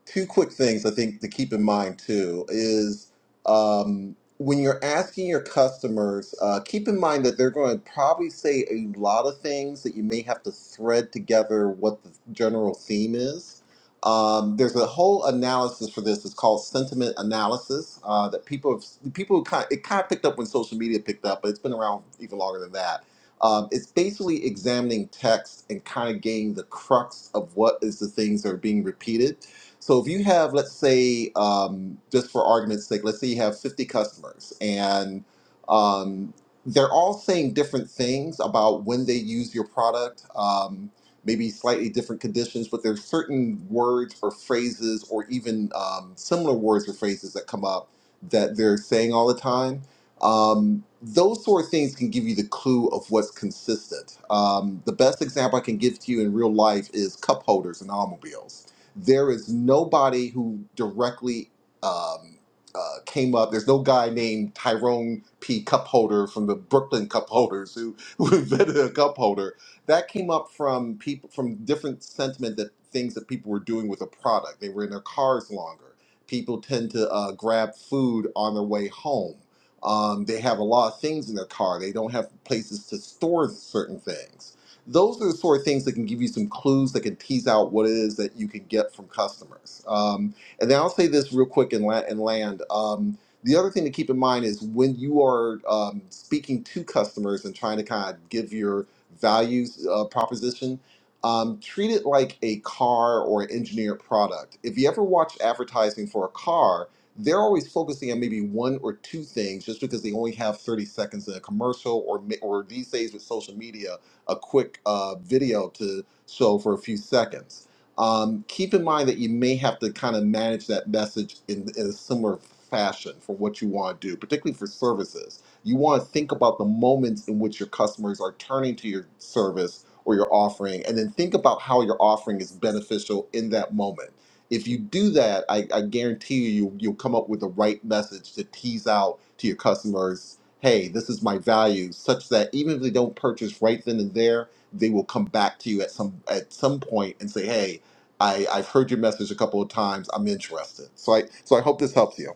Speaker 10: two quick things I think to keep in mind too is um, when you're asking your customers, uh, keep in mind that they're going to probably say a lot of things that you may have to thread together what the general theme is. Um, there's a whole analysis for this. It's called sentiment analysis uh, that people have, people kind it kind of picked up when social media picked up, but it's been around even longer than that um, it's basically examining text and kind of getting the crux of what is the things that are being repeated. So if you have, let's say, um, just for argument's sake, let's say you have 50 customers and um, they're all saying different things about when they use your product, um, maybe slightly different conditions, but there's certain words or phrases or even um, similar words or phrases that come up that they're saying all the time um, those sort of things can give you the clue of what's consistent. Um, the best example I can give to you in real life is cup holders and automobiles. There is nobody who directly um, uh, came up. There's no guy named Tyrone P. Cup Holder from the Brooklyn Cup Holders who, who invented a cup holder. That came up from people from different sentiment that things that people were doing with a product. They were in their cars longer. People tend to uh, grab food on their way home um, they have a lot of things in their car. They don't have places to store certain things. Those are the sort of things that can give you some clues that can tease out what it is that you can get from customers. Um, and then I'll say this real quick and, la- and land. Um, the other thing to keep in mind is when you are um, speaking to customers and trying to kind of give your values uh, proposition, um, treat it like a car or an engineered product. If you ever watch advertising for a car, they're always focusing on maybe one or two things just because they only have 30 seconds in a commercial or ma- or these days with social media a quick uh, video to show for a few seconds um, keep in mind that you may have to kind of manage that message in, in a similar fashion for what you want to do particularly for services you want to think about the moments in which your customers are turning to your service or your offering and then think about how your offering is beneficial in that moment if you do that, I, I guarantee you, you you'll come up with the right message to tease out to your customers, hey, this is my value, such that even if they don't purchase right then and there, they will come back to you at some at some point and say, hey, I, I've heard your message a couple of times. I'm interested. So I so I hope this helps you.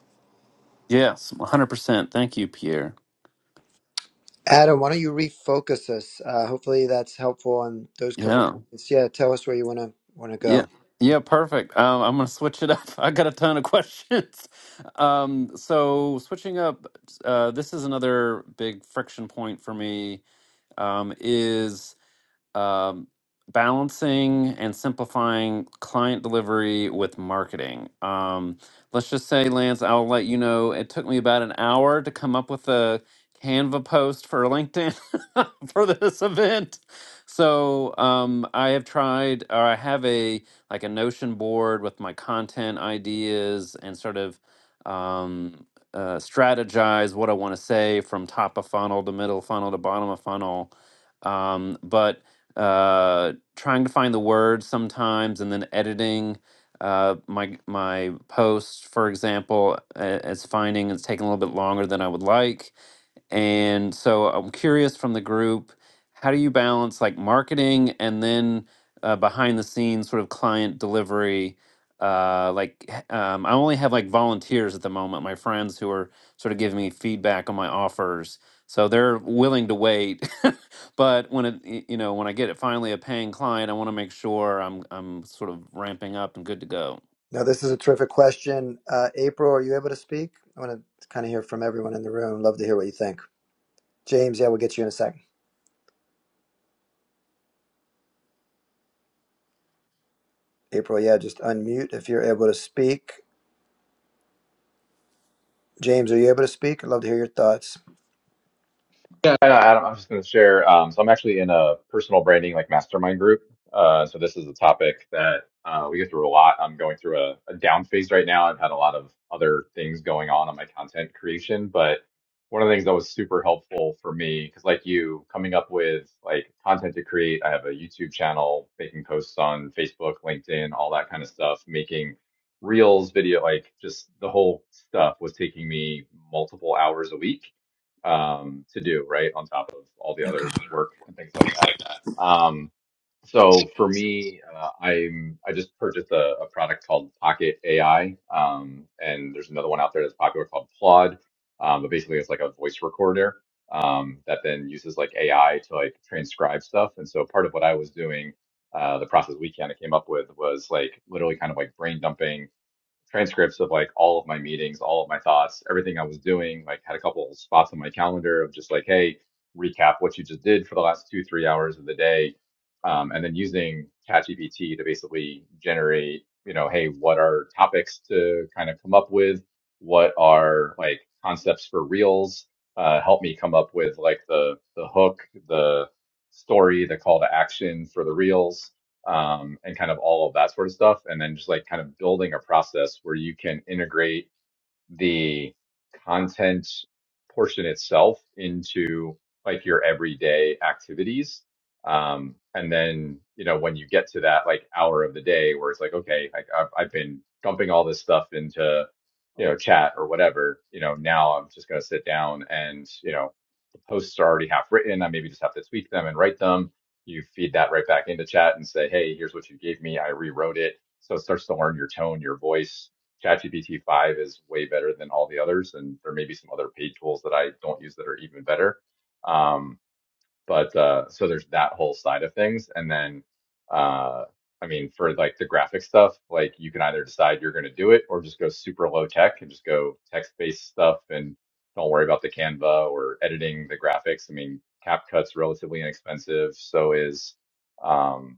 Speaker 4: Yes, 100%. Thank you, Pierre.
Speaker 2: Adam, why don't you refocus us? Uh, hopefully that's helpful on those couple
Speaker 4: Yeah.
Speaker 2: points. Yeah. Tell us where you want to, want to
Speaker 4: Yeah.
Speaker 2: go.
Speaker 4: Yeah, perfect. Um, I'm going to switch it up. I got a ton of questions. Um, so, switching up, uh, this is another big friction point for me um, is um, balancing and simplifying client delivery with marketing. Um, let's just say, Lance, I'll let you know it took me about an hour to come up with a Canva post for LinkedIn for this event. So um, I have tried, or I have a like a Notion board with my content ideas and sort of um, uh, strategize what I want to say from top of funnel to middle funnel to bottom of funnel. Um, but uh, trying to find the words sometimes, and then editing uh, my my post, for example, a- as finding it's taking a little bit longer than I would like. And so I'm curious from the group, how do you balance like marketing and then uh, behind the scenes sort of client delivery? Uh, like h- um, I only have like volunteers at the moment, my friends who are sort of giving me feedback on my offers. So they're willing to wait, but when it, y- you know, when I get it finally a paying client, I want to make sure I'm I'm sort of ramping up and good to go.
Speaker 2: Now, this is a terrific question. Uh, April, are you able to speak? I want to kind of hear from everyone in the room. Love to hear what you think. James, yeah, we'll get you in a second. April, yeah, just unmute if you're able to speak. James, are you able to speak? I'd love to hear your thoughts.
Speaker 6: Yeah, I, I, I'm just going to share. Um, so I'm actually in a personal branding like mastermind group. Uh, so this is a topic that uh, we go through a lot. I'm going through a, a down phase right now. I've had a lot of other things going on on my content creation, but one of the things that was super helpful for me, because like you, coming up with like content to create, I have a YouTube channel, making posts on Facebook, LinkedIn, all that kind of stuff, making reels, video, like just the whole stuff was taking me multiple hours a week um, to do, right? On top of all the
Speaker 1: Okay.
Speaker 6: other work and things like that. Um, so for me, uh, I'm I just purchased a, a product called Pocket AI, um, and there's another one out there that's popular called Claude. Um, but basically, it's like a voice recorder um, that then uses like AI to like transcribe stuff. And so part of what I was doing, uh, the process we kind of came up with was like literally kind of like brain dumping transcripts of like all of my meetings, all of my thoughts, everything I was doing. Like had a couple of spots on my calendar of just like, hey, recap what you just did for the last two, three hours of the day, um, and then using ChatGPT to basically generate, you know, hey, what are topics to kind of come up with? What are like concepts for reels? Uh, help me come up with like the the hook, the story, the call to action for the reels um, and kind of all of that sort of stuff. And then just like kind of building a process where you can integrate the content portion itself into like your everyday activities. Um, and then, you know, when you get to that like hour of the day where it's like, okay, like I've, I've been dumping all this stuff into, you know, chat or whatever, you know, now I'm just going to sit down and, you know, the posts are already half written. I maybe just have to tweak them and write them. You feed that right back into chat and say, hey, here's what you gave me. I rewrote it. So it starts to learn your tone, your voice. ChatGPT 5 is way better than all the others. And there may be some other paid tools that I don't use that are even better. Um, but uh so there's that whole side of things and then uh i mean for like the graphic stuff like you can either decide you're going to do it or just go super low tech and just go text based stuff and don't worry about the canva or editing the graphics i mean capcut's relatively inexpensive so is um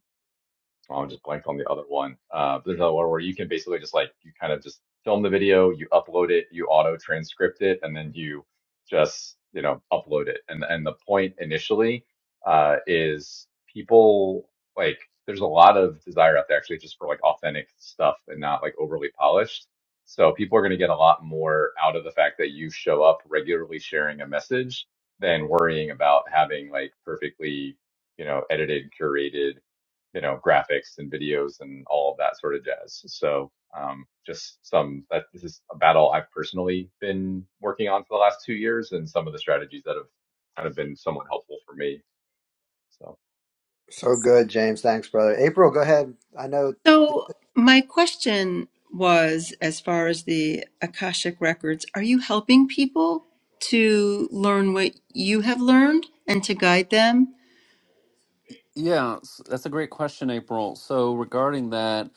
Speaker 6: I am just blanked on the other one. Uh, there's another one where you can basically just like you kind of just film the video, you upload it, you auto transcript it, and then you just you know upload it. And and the point initially uh, is people like there's a lot of desire out there actually just for like authentic stuff and not like overly polished. So people are going to get a lot more out of the fact that you show up regularly sharing a message than worrying about having like perfectly you know edited, curated you know, graphics and videos and all of that sort of jazz. So, um, just some that this is a battle I've personally been working on for the last two years and some of the strategies that have kind of been somewhat helpful for me. So,
Speaker 2: So good, James. Thanks, brother. April, go ahead. I know
Speaker 1: So, my question was as far as the Akashic records, are you helping people to learn what you have learned and to guide them?
Speaker 4: Yeah, s- that's a great question, April. So regarding that,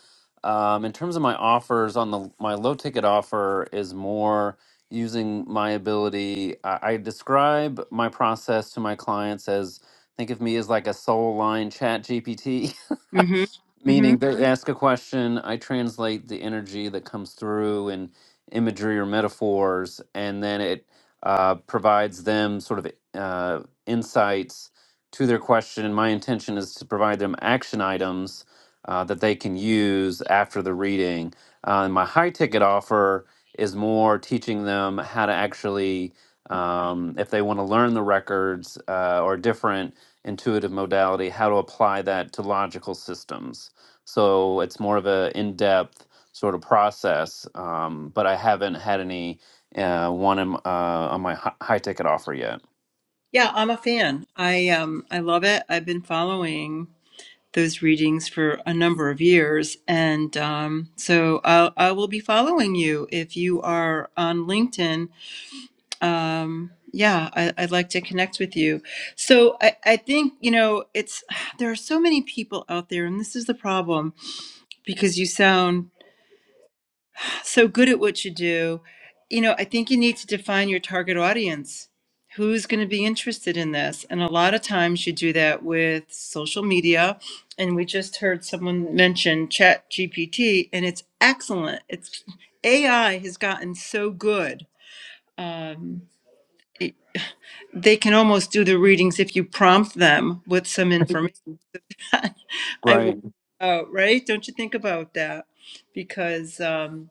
Speaker 4: um, in terms of my offers on the my low ticket offer is more using my ability. I, I describe my process to my clients as think of me as like a soul line chat GPT.
Speaker 1: Mhm. Mhm.
Speaker 4: Meaning, they ask a question, I translate the energy that comes through in imagery or metaphors, and then it uh, provides them sort of uh, insights to their question. And my intention is to provide them action items uh, that they can use after the reading. Uh, and my high ticket offer is more teaching them how to actually, um, if they want to learn the records uh, or different intuitive modality, how to apply that to logical systems so it's more of a in-depth sort of process um, but i haven't had any uh, one in, uh, on my hi- high ticket offer yet
Speaker 1: Yeah, I'm a fan. I um I love it. I've been following those readings for a number of years and um so I I will be following you if you are on LinkedIn um yeah I, i'd like to connect with you so I, I think you know it's there are so many people out there and this is the problem because you sound so good at what you do you know i think you need to define your target audience who's going to be interested in this and a lot of times you do that with social media and we just heard someone mention chat gpt and it's excellent it's ai has gotten so good um, they can almost do the readings if you prompt them with some information. I worry
Speaker 4: right
Speaker 1: about, right? Don't you think about that? Because um,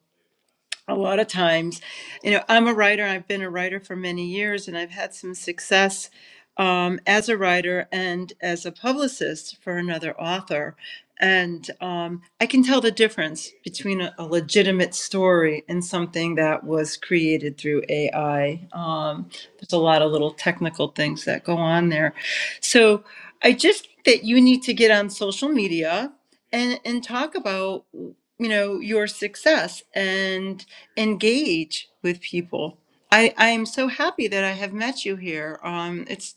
Speaker 1: a lot of times. You know, I'm a writer. I've been a writer for many years, and I've had some success um, as a writer and as a publicist for another author. And um, I can tell the difference between a, a legitimate story and something that was created through AI. Um, there's a lot of little technical things that go on there. So I just think that you need to get on social media and, and talk about, you know, your success. And engage with people. I, I am so happy that I have met you here. Um, it's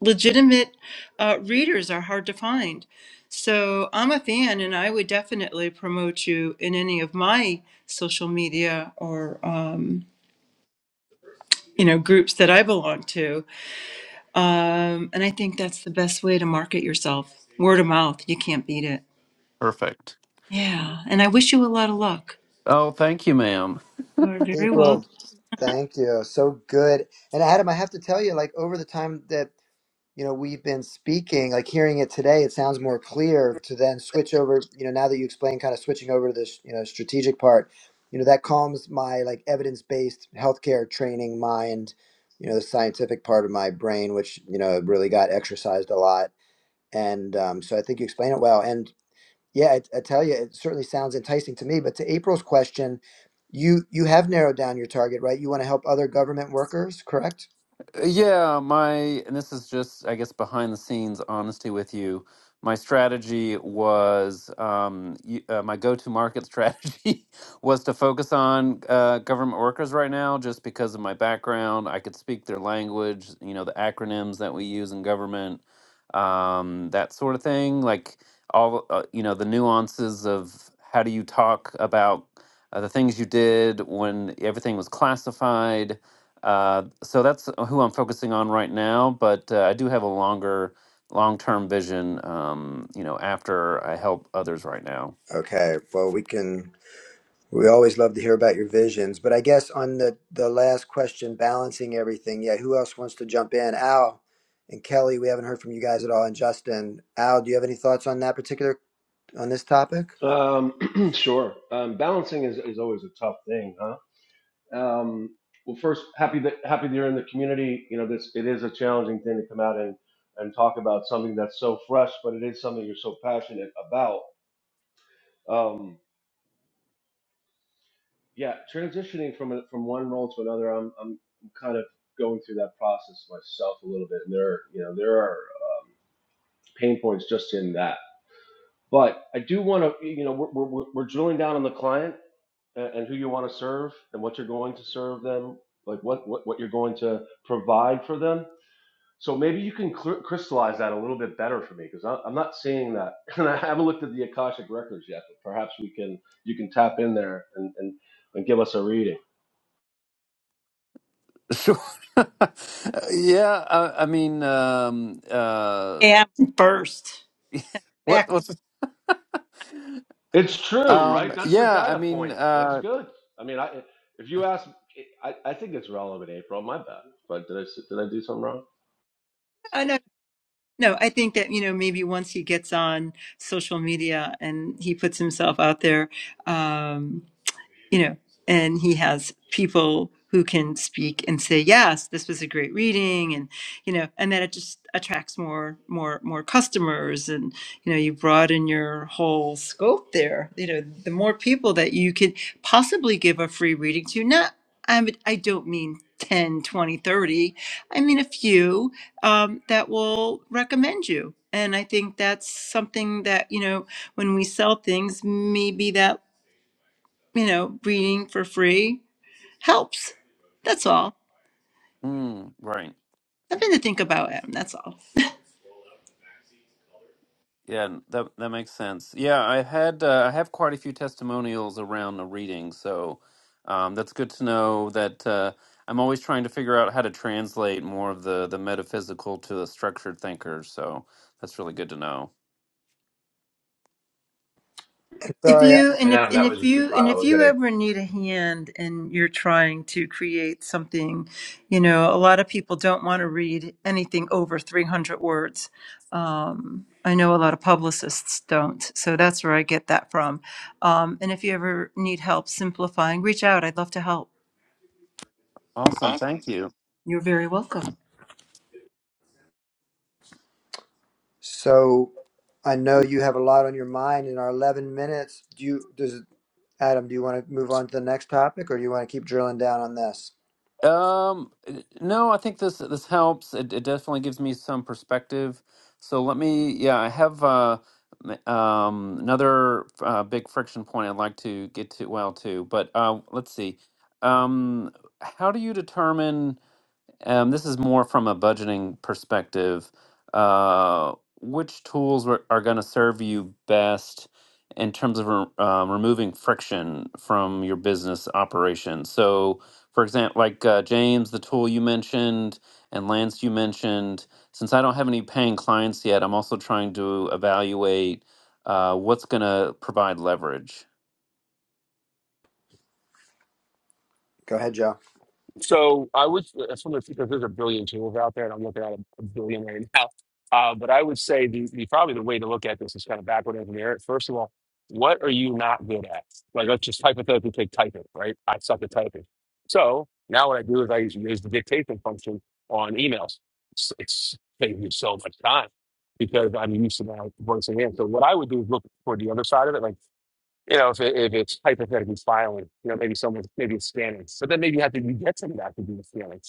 Speaker 1: legitimate uh, readers are hard to find. So I'm a fan and I would definitely promote you in any of my social media or, um, you know, groups that I belong to. Um, and I think that's the best way to market yourself. Word of mouth. You can't beat it.
Speaker 4: perfect
Speaker 1: Yeah. And I wish you a lot of luck.
Speaker 4: oh thank you ma'am
Speaker 1: You are very welcome.
Speaker 2: April. Thank you. So good. And Adam, I have to tell you, like over the time that you know we've been speaking, like hearing it today, it sounds more clear to then switch over. You know, now that you explain, kind of switching over to this, you know, strategic part. You know, that calms my like evidence-based healthcare training mind. You know, the scientific part of my brain, which you know really got exercised a lot And um, so I think you explain it well. And yeah, I, I tell you, it certainly sounds enticing to me. But to April's question, you you have narrowed down your target, right? You want to help other government workers, correct?
Speaker 4: Yeah, my, and this is just, I guess, behind the scenes honesty with you. My strategy was, um, you, uh, my go-to market strategy was to focus on uh, government workers right now, just because of my background. I could speak their language, you know, the acronyms that we use in government, um, that sort of thing. Like all, uh, you know, the nuances of how do you talk about uh, the things you did when everything was classified uh, so that's who I'm focusing on right now, but uh, I do have a longer, long-term vision. Um, you know, after I help others right now.
Speaker 2: Okay. Well, we can. We always love to hear about your visions, but I guess on the the last question, balancing everything. Yeah, who else wants to jump in? Al and Kelly, we haven't heard from you guys at all, and Justin. Al, do you have any thoughts on that particular on this topic?
Speaker 3: Um, sure. Um, balancing is, is always a tough thing, huh? Um, well, first, happy that happy that you're in the community. You know, this it is a challenging thing to come out and and talk about something that's so fresh, but it is something you're so passionate about. Um, yeah, transitioning from a, from one role to another, I'm I'm kind of going through that process myself a little bit, and there are, you know there are um, pain points just in that. But I do want to you know we're, we're we're drilling down on the client and, and who you want to serve and what you're going to serve them, like what what what you're going to provide for them. So maybe you can cl- crystallize that a little bit better for me because I'm not seeing that, and I haven't looked at the akashic records yet. But perhaps we can you can tap in there and and, and give us a reading.
Speaker 4: Sure. yeah, I, I mean, um, uh,
Speaker 1: And first. Back.
Speaker 4: what what's
Speaker 3: It's true,
Speaker 4: um,
Speaker 3: right? That's the
Speaker 4: yeah, I
Speaker 3: data
Speaker 4: mean,
Speaker 3: point. That's
Speaker 4: uh,
Speaker 3: good. I mean, I if you ask, I, I think it's relevant, April. My bad. But did I s- did I do something wrong?
Speaker 1: No, I think that, you know, maybe once he gets on social media and he puts himself out there, um, you know, and he has people who can speak and say, yes, this was a great reading. And, you know, and then it just attracts more, more, more customers. And, you know, you broaden your whole scope there. You know, the more people that you could possibly give a free reading to, not, I, would, I don't mean 10, 20, 30. I mean, a few um, that will recommend you. And I think that's something that, you know, when we sell things, maybe that you know, reading for free helps. That's all.
Speaker 4: mm, right.
Speaker 1: Nothing to think about, Adam. That's all.
Speaker 4: Yeah, that that makes sense. Yeah, I had uh, I have quite a few testimonials around the reading, so um, that's good to know that uh, I'm always trying to figure out how to translate more of the the metaphysical to the structured thinker. So that's really good to know.
Speaker 1: If
Speaker 2: Sorry,
Speaker 1: you
Speaker 6: and
Speaker 1: and if
Speaker 6: Adam,
Speaker 1: and
Speaker 6: that was
Speaker 1: if
Speaker 6: just the
Speaker 1: you
Speaker 6: spot
Speaker 1: and
Speaker 6: I
Speaker 1: if
Speaker 6: was going
Speaker 1: you
Speaker 6: to
Speaker 1: ever need a hand and you're trying to create something, you know, a lot of people don't want to read anything over 300 words. Um, I know a lot of publicists don't, so that's where I get that from. Um, and if you ever need help simplifying, reach out. I'd love to help.
Speaker 4: Awesome, thank you.
Speaker 1: You're very welcome.
Speaker 2: So I know you have a lot on your mind in our 11 minutes. Do you, does Adam, do you want to move on to the next topic or do you want to keep drilling down on this?
Speaker 4: Um, n- no, I think this this helps. It it definitely gives me some perspective. So let me, yeah, I have uh m- um another uh, big friction point I'd like to get to well too, but uh let's see. Um, how do you determine? Um, this is more from a budgeting perspective. Uh, which tools were, are going to serve you best in terms of re- um, removing friction from your business operation? So, for example, like uh, James, the tool you mentioned, and Lance, you mentioned, since I don't have any paying clients yet, I'm also trying to evaluate uh, what's going to provide leverage.
Speaker 2: Go ahead, Joe.
Speaker 11: So I would, uh, that's one of the because there's a billion tools out there, and I'm looking at a, a billion right now. Uh, but I would say the, the probably the way to look at this is kind of backward engineer it. First of all, what are you not good at? Like let's just hypothetically take typing, right? I suck at typing. So now what I do is I use, use the dictation function on emails. It's, it's saving me so much time because I'm used to now voicing in. So what I would do is look for the other side of it. Like you know, if, it, if it's hypothetically filing, you know, maybe someone, maybe it's scanning. So then maybe you have to, you get somebody that to do the scanning.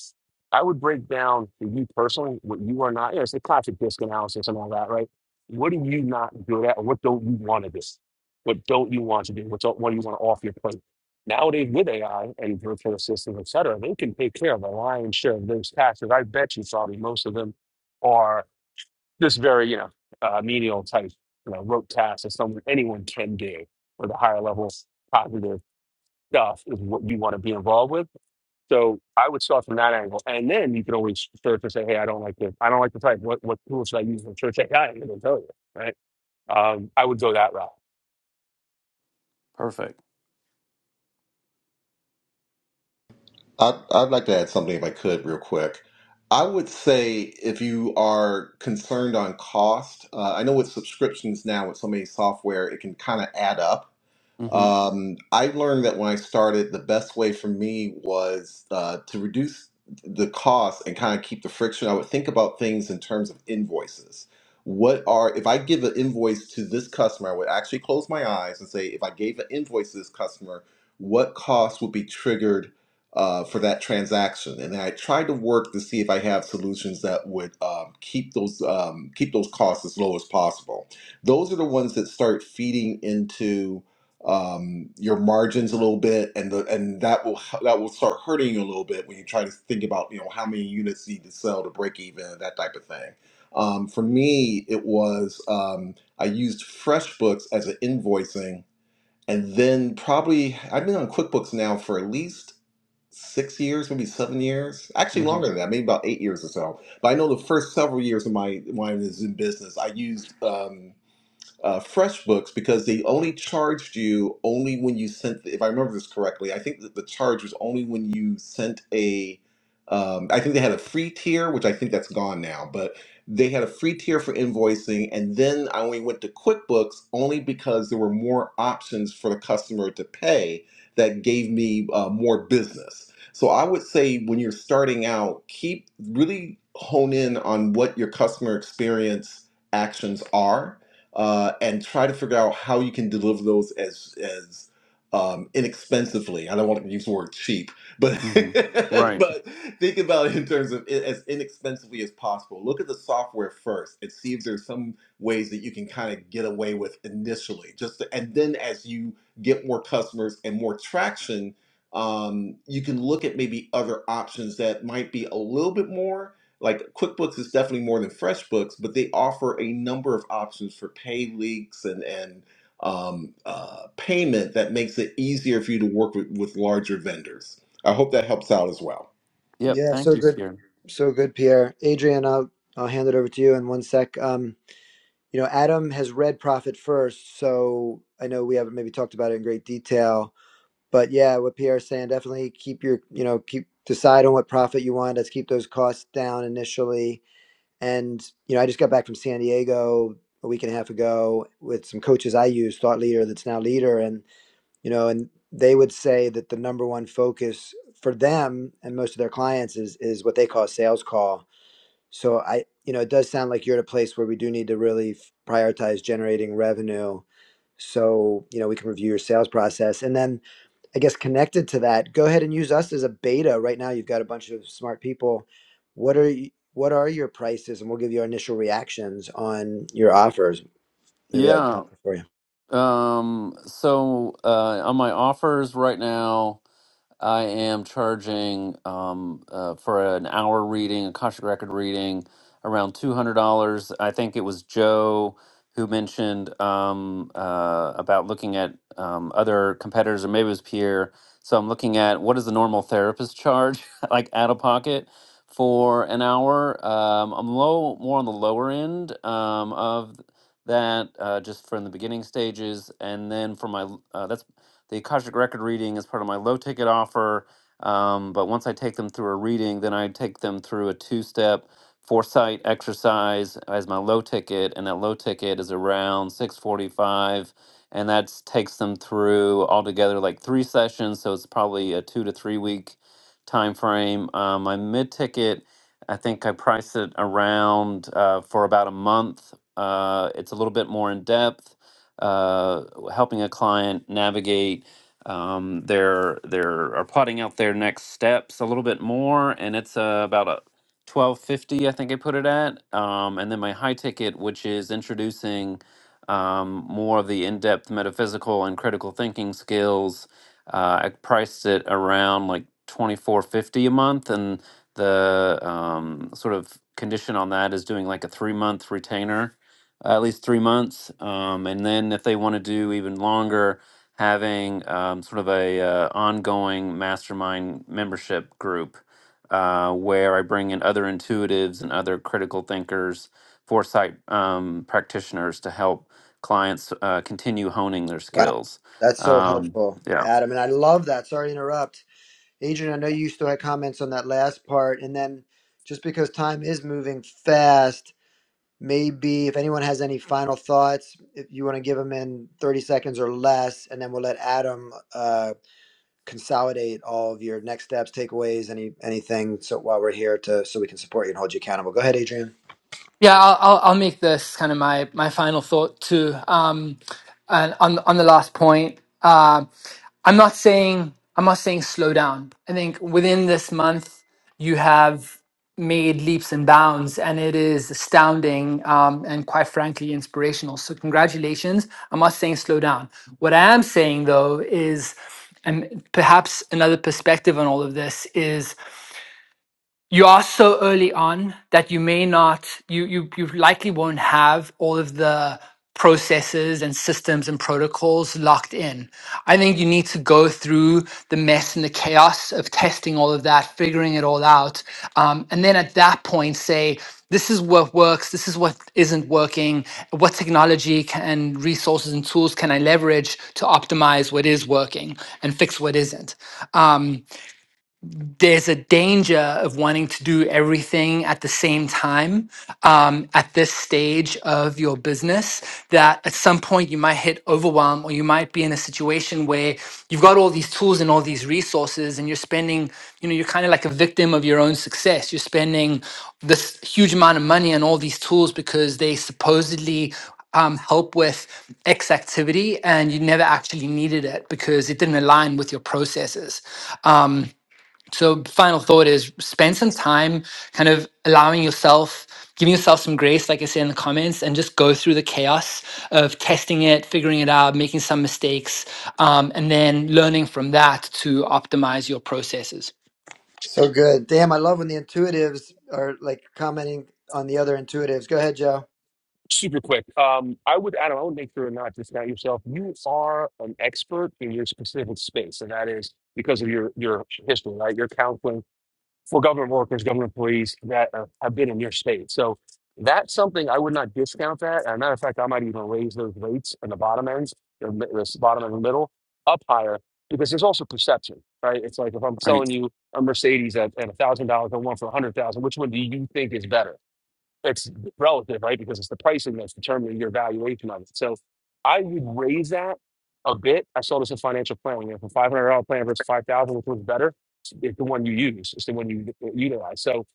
Speaker 11: I would break down for you personally what you are not, you know, it's the classic disk analysis and all that, right? What are you not good at? Or what don't you want to do? What don't you want to do? What's, what do you want off your plate? Nowadays with AI and virtual assistants, et cetera, they can take care of a lion's share of those tasks. I bet you, probably most of them are just very, you know, uh, menial type, you know, rote tasks that someone anyone can do or the higher level positive stuff is what you want to be involved with. So I would start from that angle, and then you can always search and say, "Hey, I don't like this. I don't like the type. What what tool should I use for search AI?" And it'll tell you, right? Um, I would go that route.
Speaker 4: Perfect.
Speaker 10: I'd, I'd like to add something if I could real quick. I would say if you are concerned on cost, uh, I know with subscriptions now with so many software, it can kind of add up
Speaker 4: Mm-hmm,
Speaker 10: Um, I learned that when I started, the best way for me was uh, to reduce the cost and kind of keep the friction. I would think about things in terms of invoices. What are, if I give an invoice to this customer, I would actually close my eyes and say, if I gave an invoice to this customer, what costs would be triggered uh, for that transaction? And I tried to work to see if I have solutions that would um, keep those um, keep those costs as low as possible. Those are the ones that start feeding into um, your margins a little bit, and the and that will that will start hurting you a little bit when you try to think about you know how many units you need to sell to break even that type of thing. Um, for me, it was um, I used FreshBooks as an invoicing, and then probably I've been on QuickBooks now for at least six years, maybe seven years, actually longer
Speaker 4: mm-hmm,
Speaker 10: than that, maybe about eight years or so. But I know the first several years of my when I was in business, I used. um uh, FreshBooks because they only charged you only when you sent. If I remember this correctly, I think that the charge was only when you sent a. Um, I think they had a free tier, which I think that's gone now, but they had a free tier for invoicing, and then I only went to QuickBooks only because there were more options for the customer to pay that gave me uh, more business. So I would say when you're starting out, keep really hone in on what your customer experience actions are uh, and try to figure out how you can deliver those as as um, inexpensively. I don't want to use the word cheap, but
Speaker 4: mm-hmm. Right.
Speaker 10: but think about it in terms of it as inexpensively as possible. Look at the software first and see if there's some ways that you can kind of get away with initially. Just to, and then as you get more customers and more traction, um, you can look at maybe other options that might be a little bit more like QuickBooks is definitely more than FreshBooks, but they offer a number of options for pay leaks and and um, uh, payment that makes it easier for you to work with, with larger vendors. I hope that helps out as well.
Speaker 4: Yep.
Speaker 2: Yeah,
Speaker 4: Thank
Speaker 2: so
Speaker 4: you,
Speaker 2: good.
Speaker 4: Pierre.
Speaker 2: So good, Pierre. Adrian, I'll, I'll hand it over to you in one sec. Um, you know, Adam has read Profit First, so I know we haven't maybe talked about it in great detail, but yeah, what Pierre's saying, definitely keep your, you know, keep decide on what profit you want. Let's keep those costs down initially And you know, I just got back from San Diego a week and a half ago with some coaches I use, thought leader that's now leader, and you know, and they would say that the number one focus for them and most of their clients is is what they call a sales call. So I, you know, it does sound like you're at a place where we do need to really prioritize generating revenue. So you know, we can review your sales process, and then I guess connected to that, go ahead and use us as a beta right now. You've got a bunch of smart people. What are you, what are your prices, and we'll give you our initial reactions on your offers. Maybe that would be
Speaker 4: Yeah.
Speaker 2: helpful for you.
Speaker 4: Um, so uh, on my offers right now, I am charging um, uh, for an hour reading, a contract record reading, around $200. I think it was Joe who mentioned um, uh, about looking at um, other competitors, or maybe it was Pierre. So I'm looking at what does the normal therapist charge, like out of pocket, for an hour. Um, I'm low, more on the lower end um, of that, uh, just from the beginning stages, and then for my uh, that's the Akashic Record reading is part of my low ticket offer. Um, but once I take them through a reading, then I take them through a two step foresight exercise as my low ticket, and that low ticket is around 645 and that takes them through altogether like three sessions so it's probably a two to three week time frame um, my mid ticket i think i priced it around uh, for about a month uh, it's a little bit more in depth uh, helping a client navigate um, their their or plotting out their next steps a little bit more, and it's uh, about a. 1250 i think i put it at um, and then my high ticket which is introducing um, more of the in-depth metaphysical and critical thinking skills uh, i priced it around like 2450 a month and the um, sort of condition on that is doing like a three month retainer at least three months. Um, and then if they want to do even longer, having um, sort of a uh, ongoing mastermind membership group uh, where I bring in other intuitives and other critical thinkers, foresight um, practitioners to help clients uh, continue honing their
Speaker 2: Wow,
Speaker 4: skills.
Speaker 2: that's so
Speaker 4: Um,
Speaker 2: helpful,
Speaker 4: yeah.
Speaker 2: Adam. And I love that. Sorry to interrupt, Adrian. I know you still had comments on that last part, and then just because time is moving fast, maybe if anyone has any final thoughts, if you want to give them in thirty seconds or less, and then we'll let Adam. uh, consolidate all of your next steps, takeaways, any anything. So while we're here to so we can support you and hold you accountable. Go ahead, Adrian.
Speaker 9: Yeah, I'll, I'll, I'll make this kind of my, my final thought too. Um, and on on the last point, um, I'm not saying I'm not saying slow down. I think within this month you have made leaps and bounds, and it is astounding um, and quite frankly inspirational. So congratulations. I'm not saying slow down. What I am saying though is, and perhaps another perspective on all of this is you are so early on that you may not you you you likely won't have all of the processes and systems and protocols locked in. I think you need to go through the mess and the chaos of testing all of that, figuring it all out, um, and then at that point say. This is what works. This is what isn't working. What technology can, and resources and tools can I leverage to optimize what is working and fix what isn't? Um, there's a danger of wanting to do everything at the same time um, at this stage of your business that at some point you might hit overwhelm or you might be in a situation where you've got all these tools and all these resources and you're spending you know you're kind of like a victim of your own success you're spending this huge amount of money on all these tools because they supposedly um, help with X activity and you never actually needed it because it didn't align with your processes. Um, so final thought is spend some time kind of allowing yourself giving yourself some grace like i said in the comments and just go through the chaos of testing it figuring it out making some mistakes um, and then learning from that to optimize your processes
Speaker 2: So good. Damn, I love when the intuitives are like commenting on the other intuitives. Go ahead, Joe.
Speaker 11: Super quick. Um, I would, Adam, I would make sure not discount yourself. You are an expert in your specific space, and that is because of your your history, right? Your counseling for government workers, government employees that uh, have been in your state. So that's something I would not discount that. As a matter of fact, I might even raise those rates in the bottom ends, the, mi- the bottom and the middle, up higher because there's also perception, right? It's like if I'm
Speaker 4: Right.
Speaker 11: selling you a Mercedes at, at $1,000 and one for 100000 which one do you think is better? it's relative, right? Because it's the pricing that's determining your valuation of it. So I would raise that a bit. I saw this in financial planning. If a five hundred dollar plan versus five thousand, which one's better? It's the one you use. It's the one you utilize. So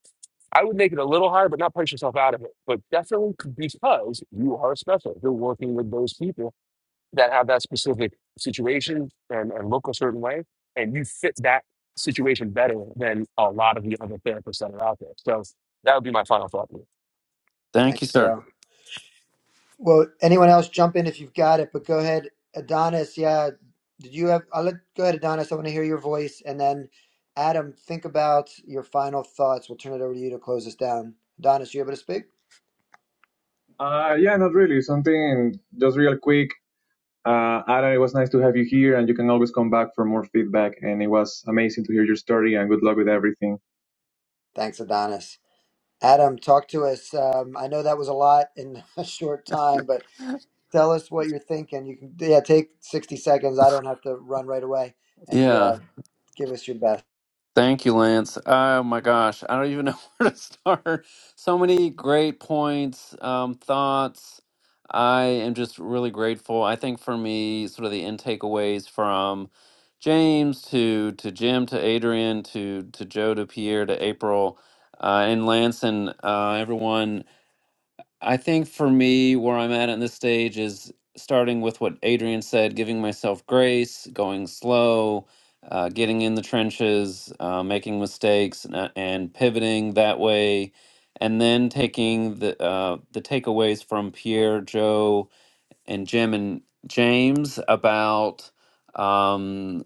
Speaker 11: I would make it a little higher, but not price yourself out of it. But definitely because you are special. You're working with those people that have that specific situation and, and look a certain way, and you fit that situation better than a lot of the other therapists that are out there. So that would be my final thought.
Speaker 4: Thank
Speaker 2: Thanks,
Speaker 4: you, sir.
Speaker 2: Joe. Well, anyone else jump in if you've got it, but go ahead, Adonis. Yeah, did you have? I'll let go ahead, Adonis. I want to hear your voice, and then Adam, think about your final thoughts. We'll turn it over to you to close us down. Adonis, you able to speak?
Speaker 8: Uh, yeah, not really. Something just real quick. Uh, Adam, it was nice to have you here, and you can always come back for more feedback. And it was amazing to hear your story. And good luck with everything.
Speaker 2: Thanks, Adonis. Adam, talk to us. Um, I know that was a lot in a short time, but tell us what you're thinking. You can, yeah, take 60 seconds. I don't have to run right away and
Speaker 4: Yeah.
Speaker 2: uh, give us your best.
Speaker 4: Thank you, Lance. Oh my gosh, I don't even know where to start. So many great points, um, thoughts. I am just really grateful. I think for me, sort of the end takeaways from James to to Jim to Adrian to to Joe to Pierre to April uh, and Lance and uh, everyone I think for me, where I'm at in this stage is starting with what Adrian said, giving myself grace, going slow, uh, getting in the trenches, uh, making mistakes, and, uh, and pivoting that way, and then taking the uh, the takeaways from Pierre, Joe, and Jim and James about. um,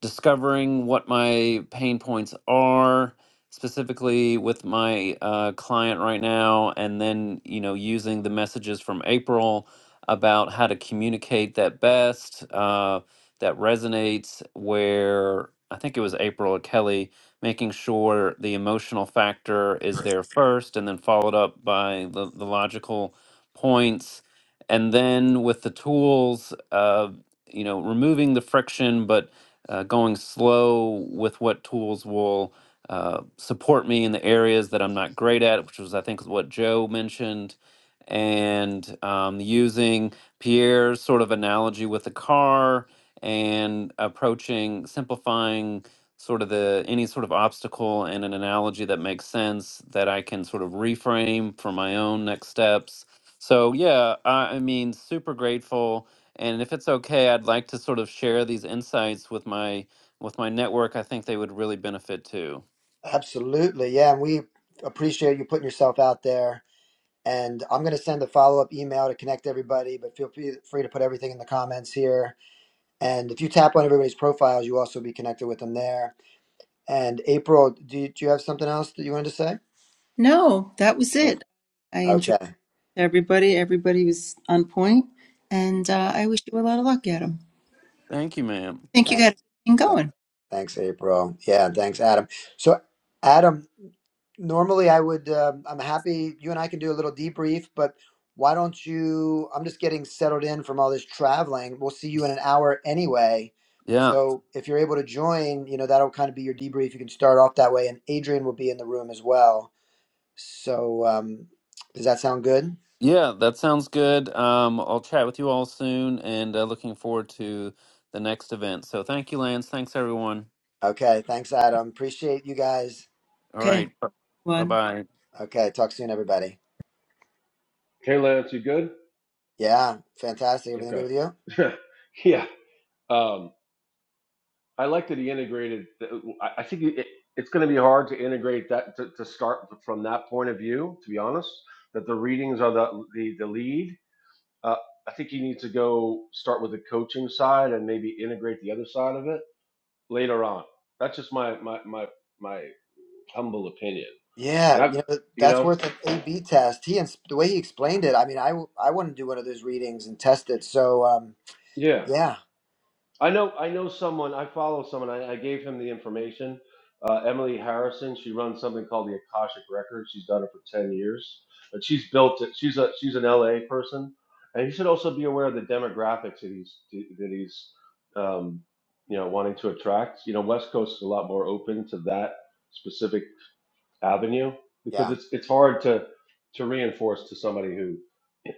Speaker 4: discovering what my pain points are specifically with my uh, client right now and then you know using the messages from april about how to communicate that best uh, that resonates where i think it was april or kelly making sure the emotional factor is there first and then followed up by the, the logical points and then with the tools uh, you know removing the friction but uh, going slow with what tools will uh, support me in the areas that I'm not great at, which was, I think, what Joe mentioned, and um, using Pierre's sort of analogy with the car and approaching, simplifying sort of the any sort of obstacle and an analogy that makes sense that I can sort of reframe for my own next steps. So yeah, I, I mean, super grateful and if it's okay, I'd like to sort of share these insights with my with my network. I think they would really benefit too.
Speaker 2: Absolutely. Yeah. And we appreciate you putting yourself out there. And I'm going to send a follow up email to connect everybody, but feel free free to put everything in the comments here. And if you tap on everybody's profiles, you also be connected with them there. And April, do you, do you have something else that you wanted to say?
Speaker 1: No, that was
Speaker 2: Okay.
Speaker 1: it. I enjoyed.
Speaker 2: Okay.
Speaker 1: everybody. Everybody was on point, and uh, I wish you a lot of luck, Adam.
Speaker 4: Thank you, ma'am.
Speaker 1: I think you
Speaker 2: Thanks.
Speaker 1: got a good thing going.
Speaker 2: Thanks, April. Yeah, thanks, Adam. So, Adam, normally I would, um I'm happy you and I can do a little debrief, but why don't you? I'm just getting settled in from all this traveling. We'll see you in an hour anyway.
Speaker 4: Yeah.
Speaker 2: So, if you're able to join, you know, that'll kind of be your debrief. You can start off that way, and Adrian will be in the room as well. So, um, does that sound good?
Speaker 4: Yeah, that sounds good. Um, I'll chat with you all soon and uh, looking forward to the next event. So thank you, Lance. Thanks, everyone.
Speaker 2: Okay, thanks, Adam. Appreciate you guys.
Speaker 4: All
Speaker 1: Okay,
Speaker 4: right. Bye
Speaker 1: one.
Speaker 4: bye.
Speaker 2: Okay, talk soon, everybody.
Speaker 3: Hey, Lance, you good?
Speaker 2: Yeah, fantastic. Everything good
Speaker 3: Okay.
Speaker 2: with you?
Speaker 3: yeah. Um, I like that he integrated. the- I I think it, it's going to be hard to integrate that to, to start from that point of view. To be honest, that the readings are the the, the lead. Uh, I think you need to go start with the coaching side and maybe integrate the other side of it later on. That's just my my my my. humble opinion.
Speaker 2: Yeah,
Speaker 3: And I've,
Speaker 2: you know,
Speaker 3: you
Speaker 2: that's
Speaker 3: know,
Speaker 2: worth an A/B test. He and the way he explained it, I mean, I w- I want to do one of those readings and test it. So, um,
Speaker 3: yeah,
Speaker 2: yeah,
Speaker 3: I know, I know someone. I follow someone. I, I gave him the information. Uh, Emily Harrison. She runs something called the Akashic Records. She's done it for ten years, but she's built it. She's a she's an LA person, and you should also be aware of the demographics that he's that he's, um, you know, wanting to attract. You know, West Coast is a lot more open to that specific avenue because
Speaker 2: yeah,
Speaker 3: it's it's hard to to reinforce to somebody who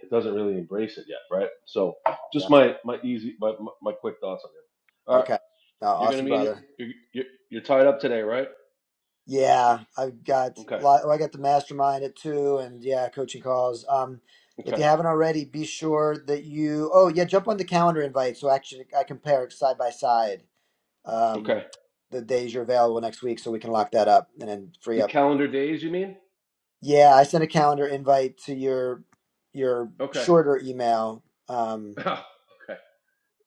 Speaker 3: doesn't really embrace it yet, right? So
Speaker 2: yeah.
Speaker 3: just my my easy my my my quick thoughts on it. All right,
Speaker 2: Okay, no,
Speaker 3: you're gonna
Speaker 2: awesome,
Speaker 3: be in your
Speaker 2: brother.
Speaker 3: you're, you're you're tied up today, right?
Speaker 2: Yeah, I've got a
Speaker 3: Okay,
Speaker 2: lot. oh, I got the mastermind at two, and yeah, coaching calls. Um, if you
Speaker 3: okay,
Speaker 2: haven't already, be sure that you. Oh, yeah, jump on the calendar invite so actually I compare it side by side. Um,
Speaker 3: okay.
Speaker 2: the days you're available next week, so we can lock that up and then free
Speaker 3: The
Speaker 2: up
Speaker 3: calendar days, you mean?
Speaker 2: Yeah, I sent a calendar invite to your your
Speaker 3: Okay,
Speaker 2: shorter email. Um,
Speaker 3: okay,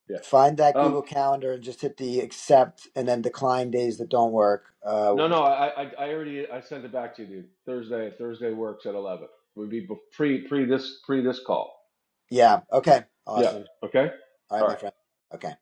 Speaker 3: yeah.
Speaker 2: find that
Speaker 3: Um,
Speaker 2: Google Calendar and just hit the accept and then decline days that don't work. Uh,
Speaker 3: no, no, I I I already I sent it back to you, dude. Thursday Thursday works at eleven. Would be bef- pre pre this pre this call.
Speaker 2: yeah. Okay.
Speaker 3: Yeah.
Speaker 2: Awesome.
Speaker 3: Okay.
Speaker 2: All right,
Speaker 3: All right.
Speaker 2: my friend. Okay.